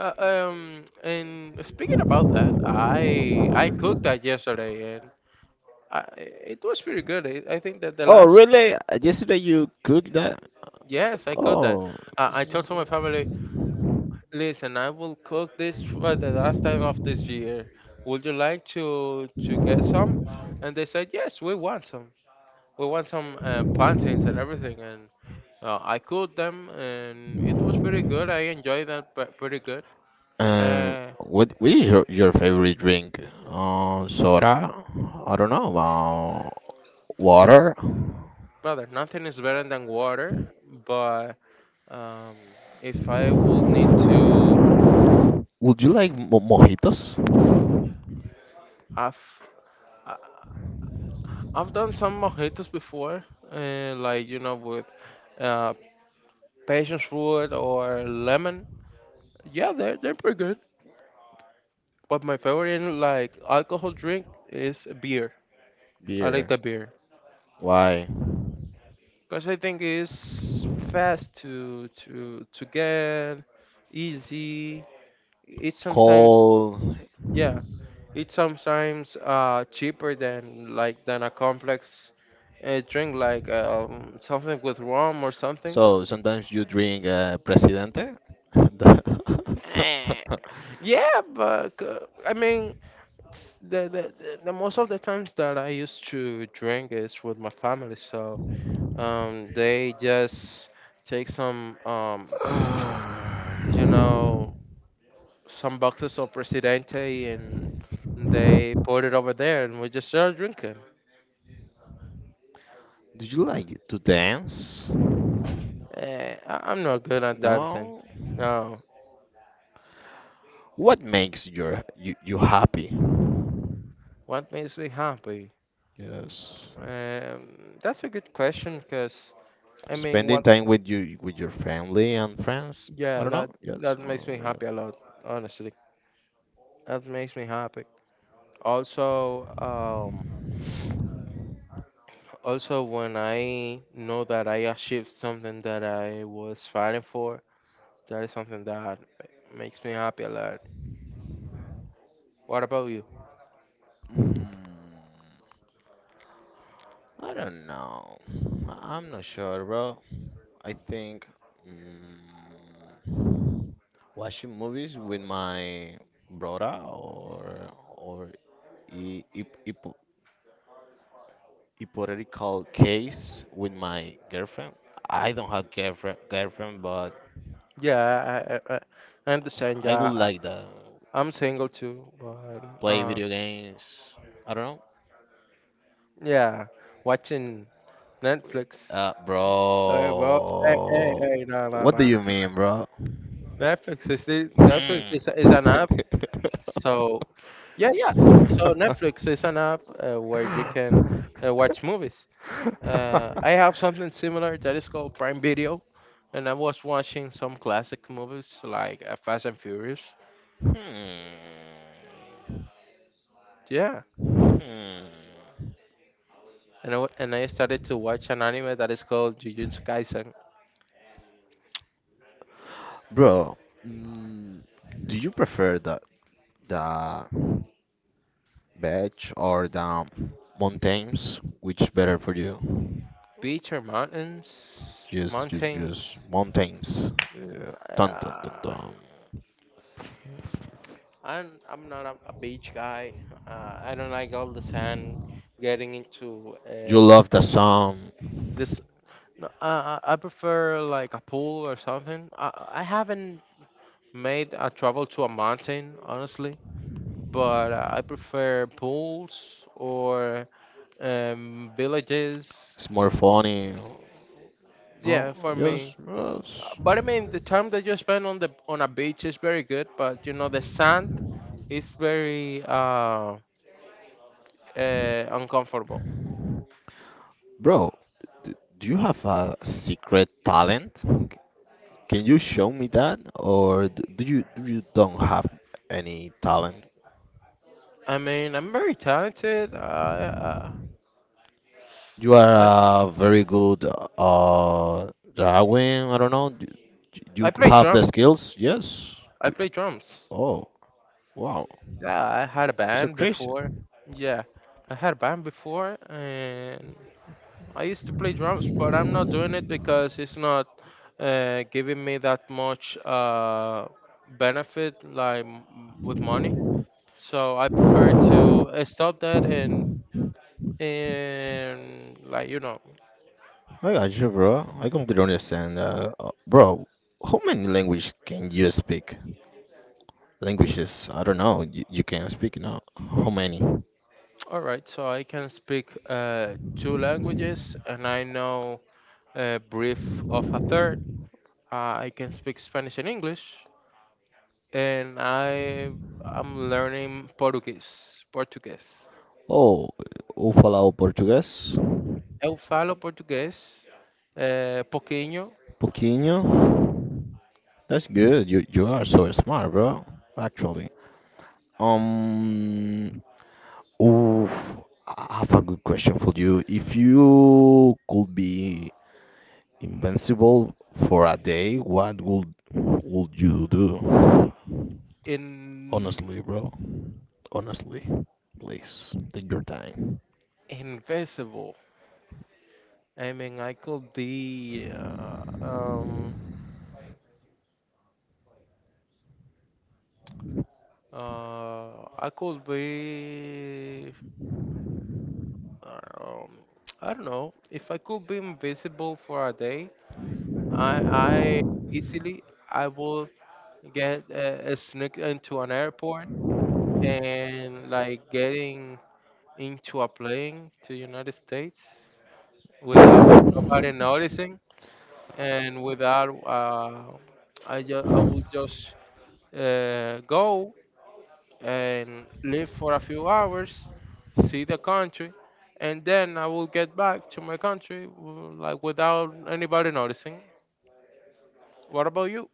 Speaker 2: Uh, um, and speaking about that, I I cooked that yesterday, and I, it was pretty good. I, I think that the
Speaker 1: Oh,
Speaker 2: last.
Speaker 1: really? Yesterday you cooked that?
Speaker 2: Yes, I cooked that.
Speaker 1: Oh.
Speaker 2: Uh, I told to my
Speaker 1: so-
Speaker 2: family, listen, I will cook this for the last time of this year. Would you like to to get some? And they said yes, we want some. We want some uh, plantains and everything, and uh, I cooked them, and it was pretty good. I enjoyed that pre- pretty good.
Speaker 1: Uh,
Speaker 2: Uh,
Speaker 1: what what is your, your favorite drink? Uh, soda? I don't know. Uh, water?
Speaker 2: Brother, nothing is better than water, but Um, if I will need to,
Speaker 1: Would you like mo mojitos?
Speaker 2: I've I- I've done some mojitos before, uh, like you know with uh, passion fruit or lemon. Yeah, they're they're pretty good. But my favorite like alcohol drink is beer. I like
Speaker 1: Beer.
Speaker 2: the beer
Speaker 1: Why?
Speaker 2: because I think it's fast to to to get, easy. It's sometimes
Speaker 1: Cold.
Speaker 2: yeah It's sometimes uh, cheaper than like than a complex uh, drink, like um, something with rum or something.
Speaker 1: So sometimes you drink uh, Presidente?
Speaker 2: Eh, yeah, but uh, I mean, s- the, the the the most of the times that I used to drink is with my family, so um, they just take some um, you know, some boxes of Presidente and they put it over there, and we just start drinking.
Speaker 1: Do you like to dance?
Speaker 2: Eh, I, I'm not good at dancing.
Speaker 1: No.
Speaker 2: No.
Speaker 1: What makes your you, you happy?
Speaker 2: What makes me happy?
Speaker 1: Yes.
Speaker 2: Um, that's a good question because I mean,
Speaker 1: Spending
Speaker 2: what?
Speaker 1: time with you with your family and friends. I
Speaker 2: Yeah,
Speaker 1: don't know.
Speaker 2: that
Speaker 1: Yes.
Speaker 2: that makes me
Speaker 1: Or, uh,
Speaker 2: happy a lot. Honestly, that makes me happy. Also, um, also when I know that I achieved something that I was fighting for, that is something that ma- makes me happy a lot. What about you?
Speaker 1: mm, I don't know. I- I'm not sure, bro. I think mm, watching movies with my brother or or i- hip- hip- hypothetical case with my girlfriend. I don't have girlfriend girlfriend, but
Speaker 2: Yeah, I I, I I understand.
Speaker 1: I would
Speaker 2: Yeah, I,
Speaker 1: like that.
Speaker 2: I'm single too, but
Speaker 1: Play
Speaker 2: uh,
Speaker 1: video games. I don't
Speaker 2: yeah, watching
Speaker 1: know.
Speaker 2: Netflix.
Speaker 1: Uh,
Speaker 2: Hey, bro. Hey, hey,
Speaker 1: bro.
Speaker 2: hey. No, no,
Speaker 1: What do
Speaker 2: no, no.
Speaker 1: you mean, bro?
Speaker 2: Netflix is the- Netflix
Speaker 1: Hmm.
Speaker 2: is, is an app. So, yeah, yeah. So Netflix is an app uh, where you can uh, watch movies. Uh, I have something similar that is called Prime Video, and I was watching some classic movies like uh, Fast and Furious.
Speaker 1: Hmm.
Speaker 2: Yeah,
Speaker 1: Hmm.
Speaker 2: and I, w- and I started to watch an anime that is called Jujutsu Kaisen.
Speaker 1: Bro, mm, do you prefer the the beach or the mountains, which better for you?
Speaker 2: Beach or mountains?
Speaker 1: Just, just, just
Speaker 2: Mountains.
Speaker 1: mountains. Yeah. Dun, dun, dun,
Speaker 2: Uh,
Speaker 1: dun.
Speaker 2: And I'm not a, a beach guy. Uh, I don't like all the sand getting into uh,
Speaker 1: You love the song.
Speaker 2: this. No, uh, I I prefer like a pool or something. I, I haven't made a travel to a mountain, honestly, but uh, I prefer pools or um, villages.
Speaker 1: It's more funny.
Speaker 2: Yeah,
Speaker 1: No,
Speaker 2: for me.
Speaker 1: yes,
Speaker 2: Uh,
Speaker 1: yes.
Speaker 2: But I mean, the time that you spend on the on a beach is very good, but you know the sand is very uh, uh, uncomfortable.
Speaker 1: Bro, d- do you have a secret talent? C- Can you show me that, or d- do you do you don't have any talent?
Speaker 2: I mean, I'm very talented. I uh,
Speaker 1: You are a very good uh drawing. I don't know. d-
Speaker 2: I
Speaker 1: You
Speaker 2: play
Speaker 1: have the
Speaker 2: drums.
Speaker 1: skills? Yes.
Speaker 2: I
Speaker 1: You-
Speaker 2: play drums.
Speaker 1: Oh, wow.
Speaker 2: Yeah, I had a
Speaker 1: You're so
Speaker 2: band
Speaker 1: crazy.
Speaker 2: before. Yeah, I had a band before, and I used to play drums, but I'm not doing it because it's not uh, giving me that much uh, benefit, like m- with money. So I prefer to uh, stop that and and like you know,
Speaker 1: I got you, bro. I completely understand. Uh, uh, bro, how many language can you speak? Languages, I don't know. You, you can speak now. How many?
Speaker 2: all right. So I can speak uh, two languages, and I know a brief of a third. Uh, I can speak Spanish and English, and I am learning Portuguese. Portuguese.
Speaker 1: Oh, eu falava português.
Speaker 2: Eu falo português uh, pouquinho
Speaker 1: Pouquinho. That's good. You you are so smart, bro. Actually. Um, Oof, I have a good question for you. If you could be invincible for a day, what would would you do?
Speaker 2: in
Speaker 1: Honestly, bro. Honestly, please take your time.
Speaker 2: invisible. I mean, I could be uh, um uh I could be um, I don't know if I could be invisible for a day. I I easily I will get uh, sneak into an airport and like getting into a plane to United States without
Speaker 1: Mm,
Speaker 2: nobody noticing and without uh, I just I would just uh, go and live for a few hours, see the country, and then I will get back to my country w- like without anybody noticing. What about you?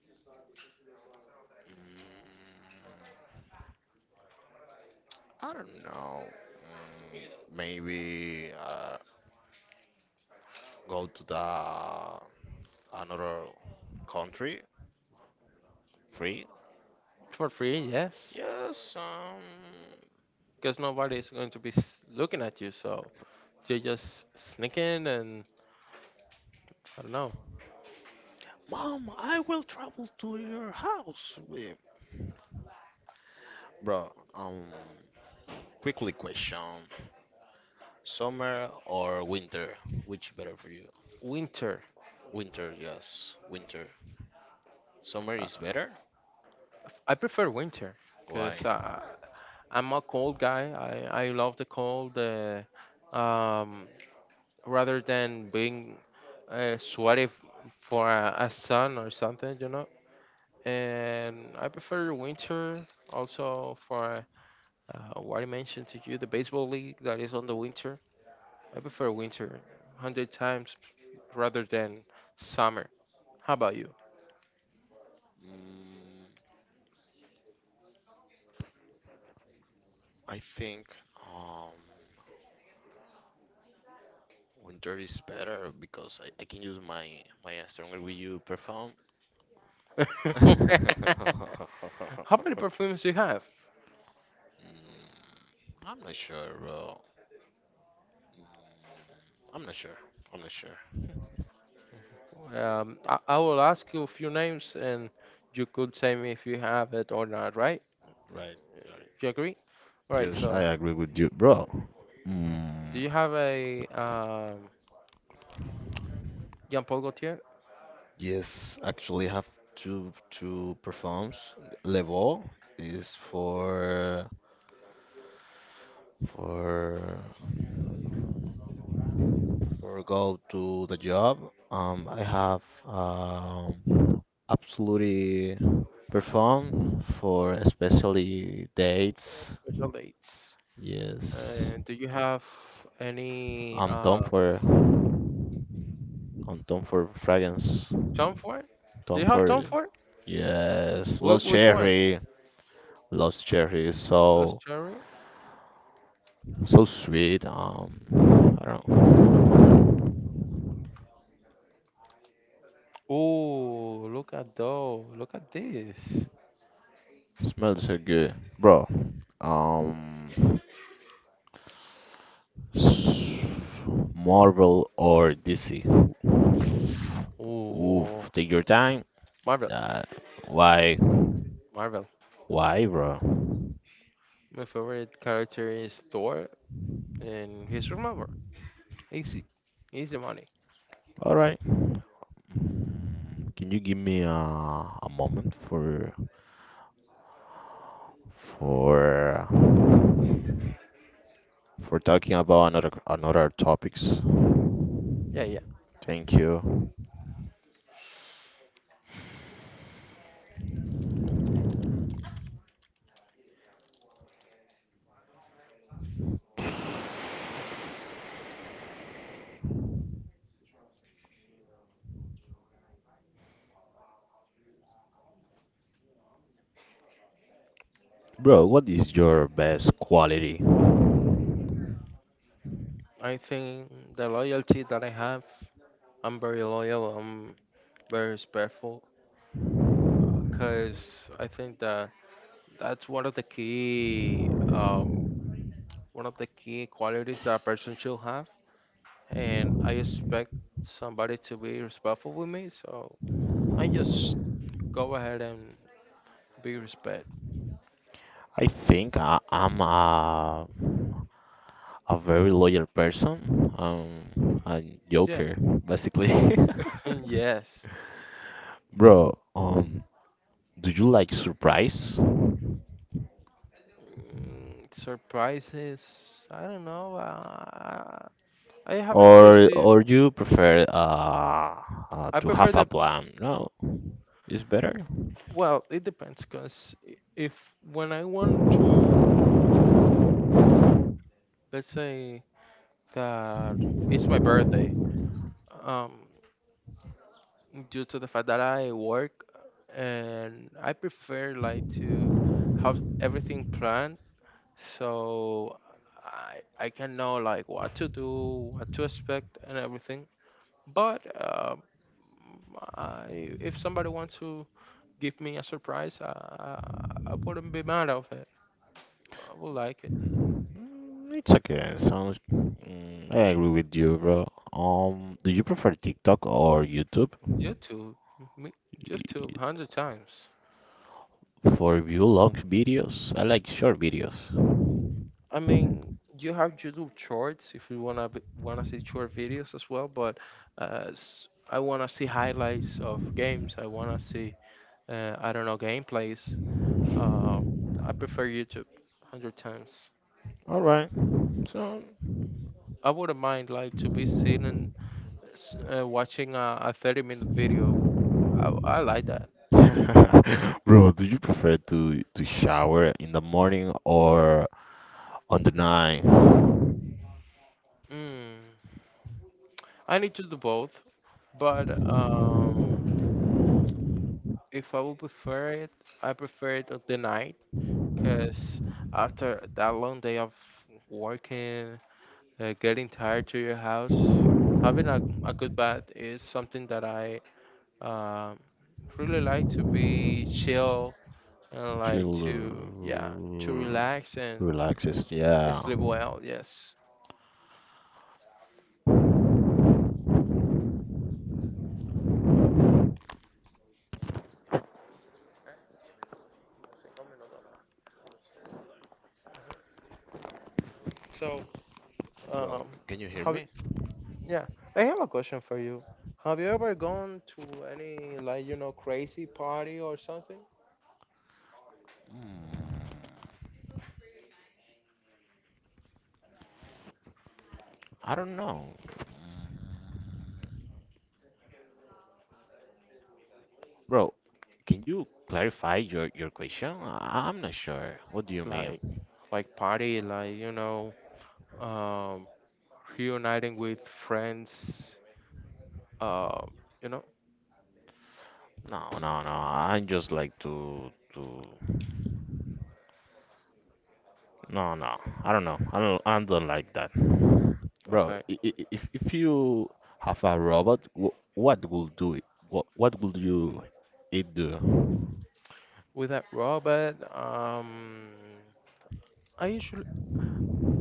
Speaker 1: I don't know. Mm, maybe uh, go to the another country free?
Speaker 2: For free, yes,
Speaker 1: Yes, um,
Speaker 2: because nobody is going to be s- looking at you, so. They just sneak in and I don't know.
Speaker 1: mom, I will travel to your house. Eh, bro, um, quickly question. Summer or winter? Which better for you?
Speaker 2: Winter.
Speaker 1: Winter, yes, winter. Summer is
Speaker 2: Uh, I prefer winter because uh, I'm a cold guy. I, I love the cold uh, um, rather than being uh, sweaty f- for a, a sun or something, you know. And I prefer winter also for uh, what I mentioned to you, the baseball league that is on the winter. I prefer winter one hundred times rather than summer. How about you? How many perfumes do you have? Um, I, I will ask you a few names and you could tell me if you have it or not, right? Do you agree? All right, so do you have a um, Jean Paul Gaultier? Special dates. And do you have any uh, Tom Ford? Do you have Tom Ford? Wh- which one? Lost Cherry? Oh, look at those. Look at this. Oh, Marvel. Marvel. My favorite character is Thor, and he's remember easy, easy money. Yeah, yeah. I think the loyalty that I have, I'm very loyal. I'm very respectful, because I think that that's one of the key, um, one of the key qualities that a person should have. And I expect somebody to be respectful with me, so I just go ahead and be respect. Yeah. Yes. Mm, surprises? I don't know. Uh, I haven't received. I prefer the. Well, it depends, because if when I want to, let's say that it's my birthday, um, due to the fact that I work, and I prefer like to have everything planned, so I I can know like what to do, what to expect, and everything. But uh, Mm, I, if somebody wants to give me a surprise, I, I, I wouldn't be mad of it. I would like it. YouTube, me- YouTube, hundred times. I mean, you have YouTube Shorts if you wanna be, wanna see short videos as well. But uh, s- I wanna see highlights of games. I wanna see, uh, I don't know, gameplays. Uh, I prefer YouTube hundred times. I wouldn't mind like to be seen s- uh, watching a, a thirty minute video. I, I like that. Mm. I need to do both, but um, if I would prefer it, I prefer it at the night because after that long day of working, uh, getting tired to your house, having a, a good bath is something that I um, really like to be chill and like to, yeah, to relax and sleep well. Yes. So, um, have yeah, I have a question for you. Have you ever gone to any like you know crazy party or something? Like, like party like you know, um, reuniting with friends. Uh, you know, okay. With that robot, um, I usually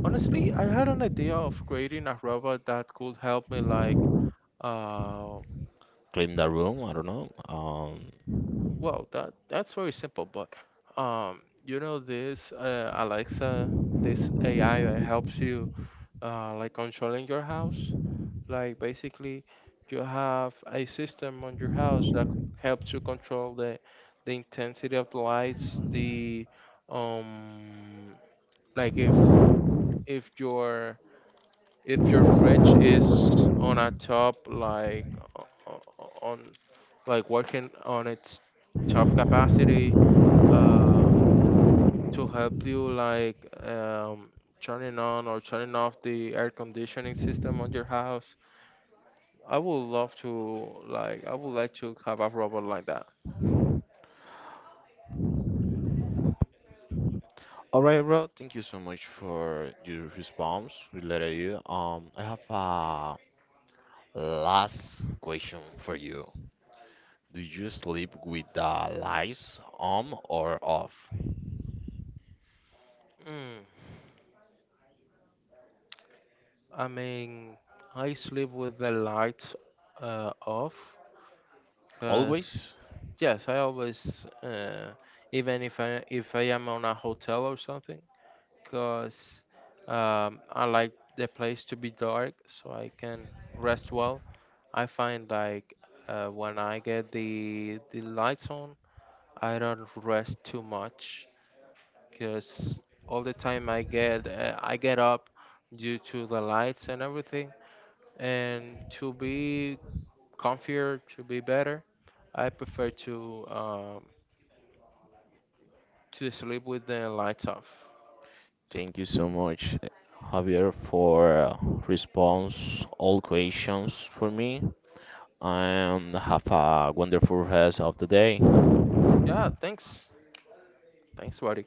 Speaker 2: honestly I had an idea of creating a robot that could help me like, um Well, that that's very simple, but um, you know this uh, Alexa, this A I that helps you uh, like controlling your house. Like basically, you have a system on your house that helps you control the the intensity of the lights, the um, like if if your if your fridge is on a top like o- o- o- on like working on its top capacity uh, to help you like um, turning on or turning off the air conditioning system on your house. I would love to like I would like to have a robot like that. Mm. I mean, I sleep with the lights uh, off because yes, I always uh, even if I if I am on a hotel or something because um, I like the place to be dark so I can rest well. I find like uh, when I get the the lights on, I don't rest too much because all the time I get uh, I get up due to the lights and everything. And to be comfier, to be better, I prefer to um, to sleep with the lights off. Yeah, thanks, thanks, buddy.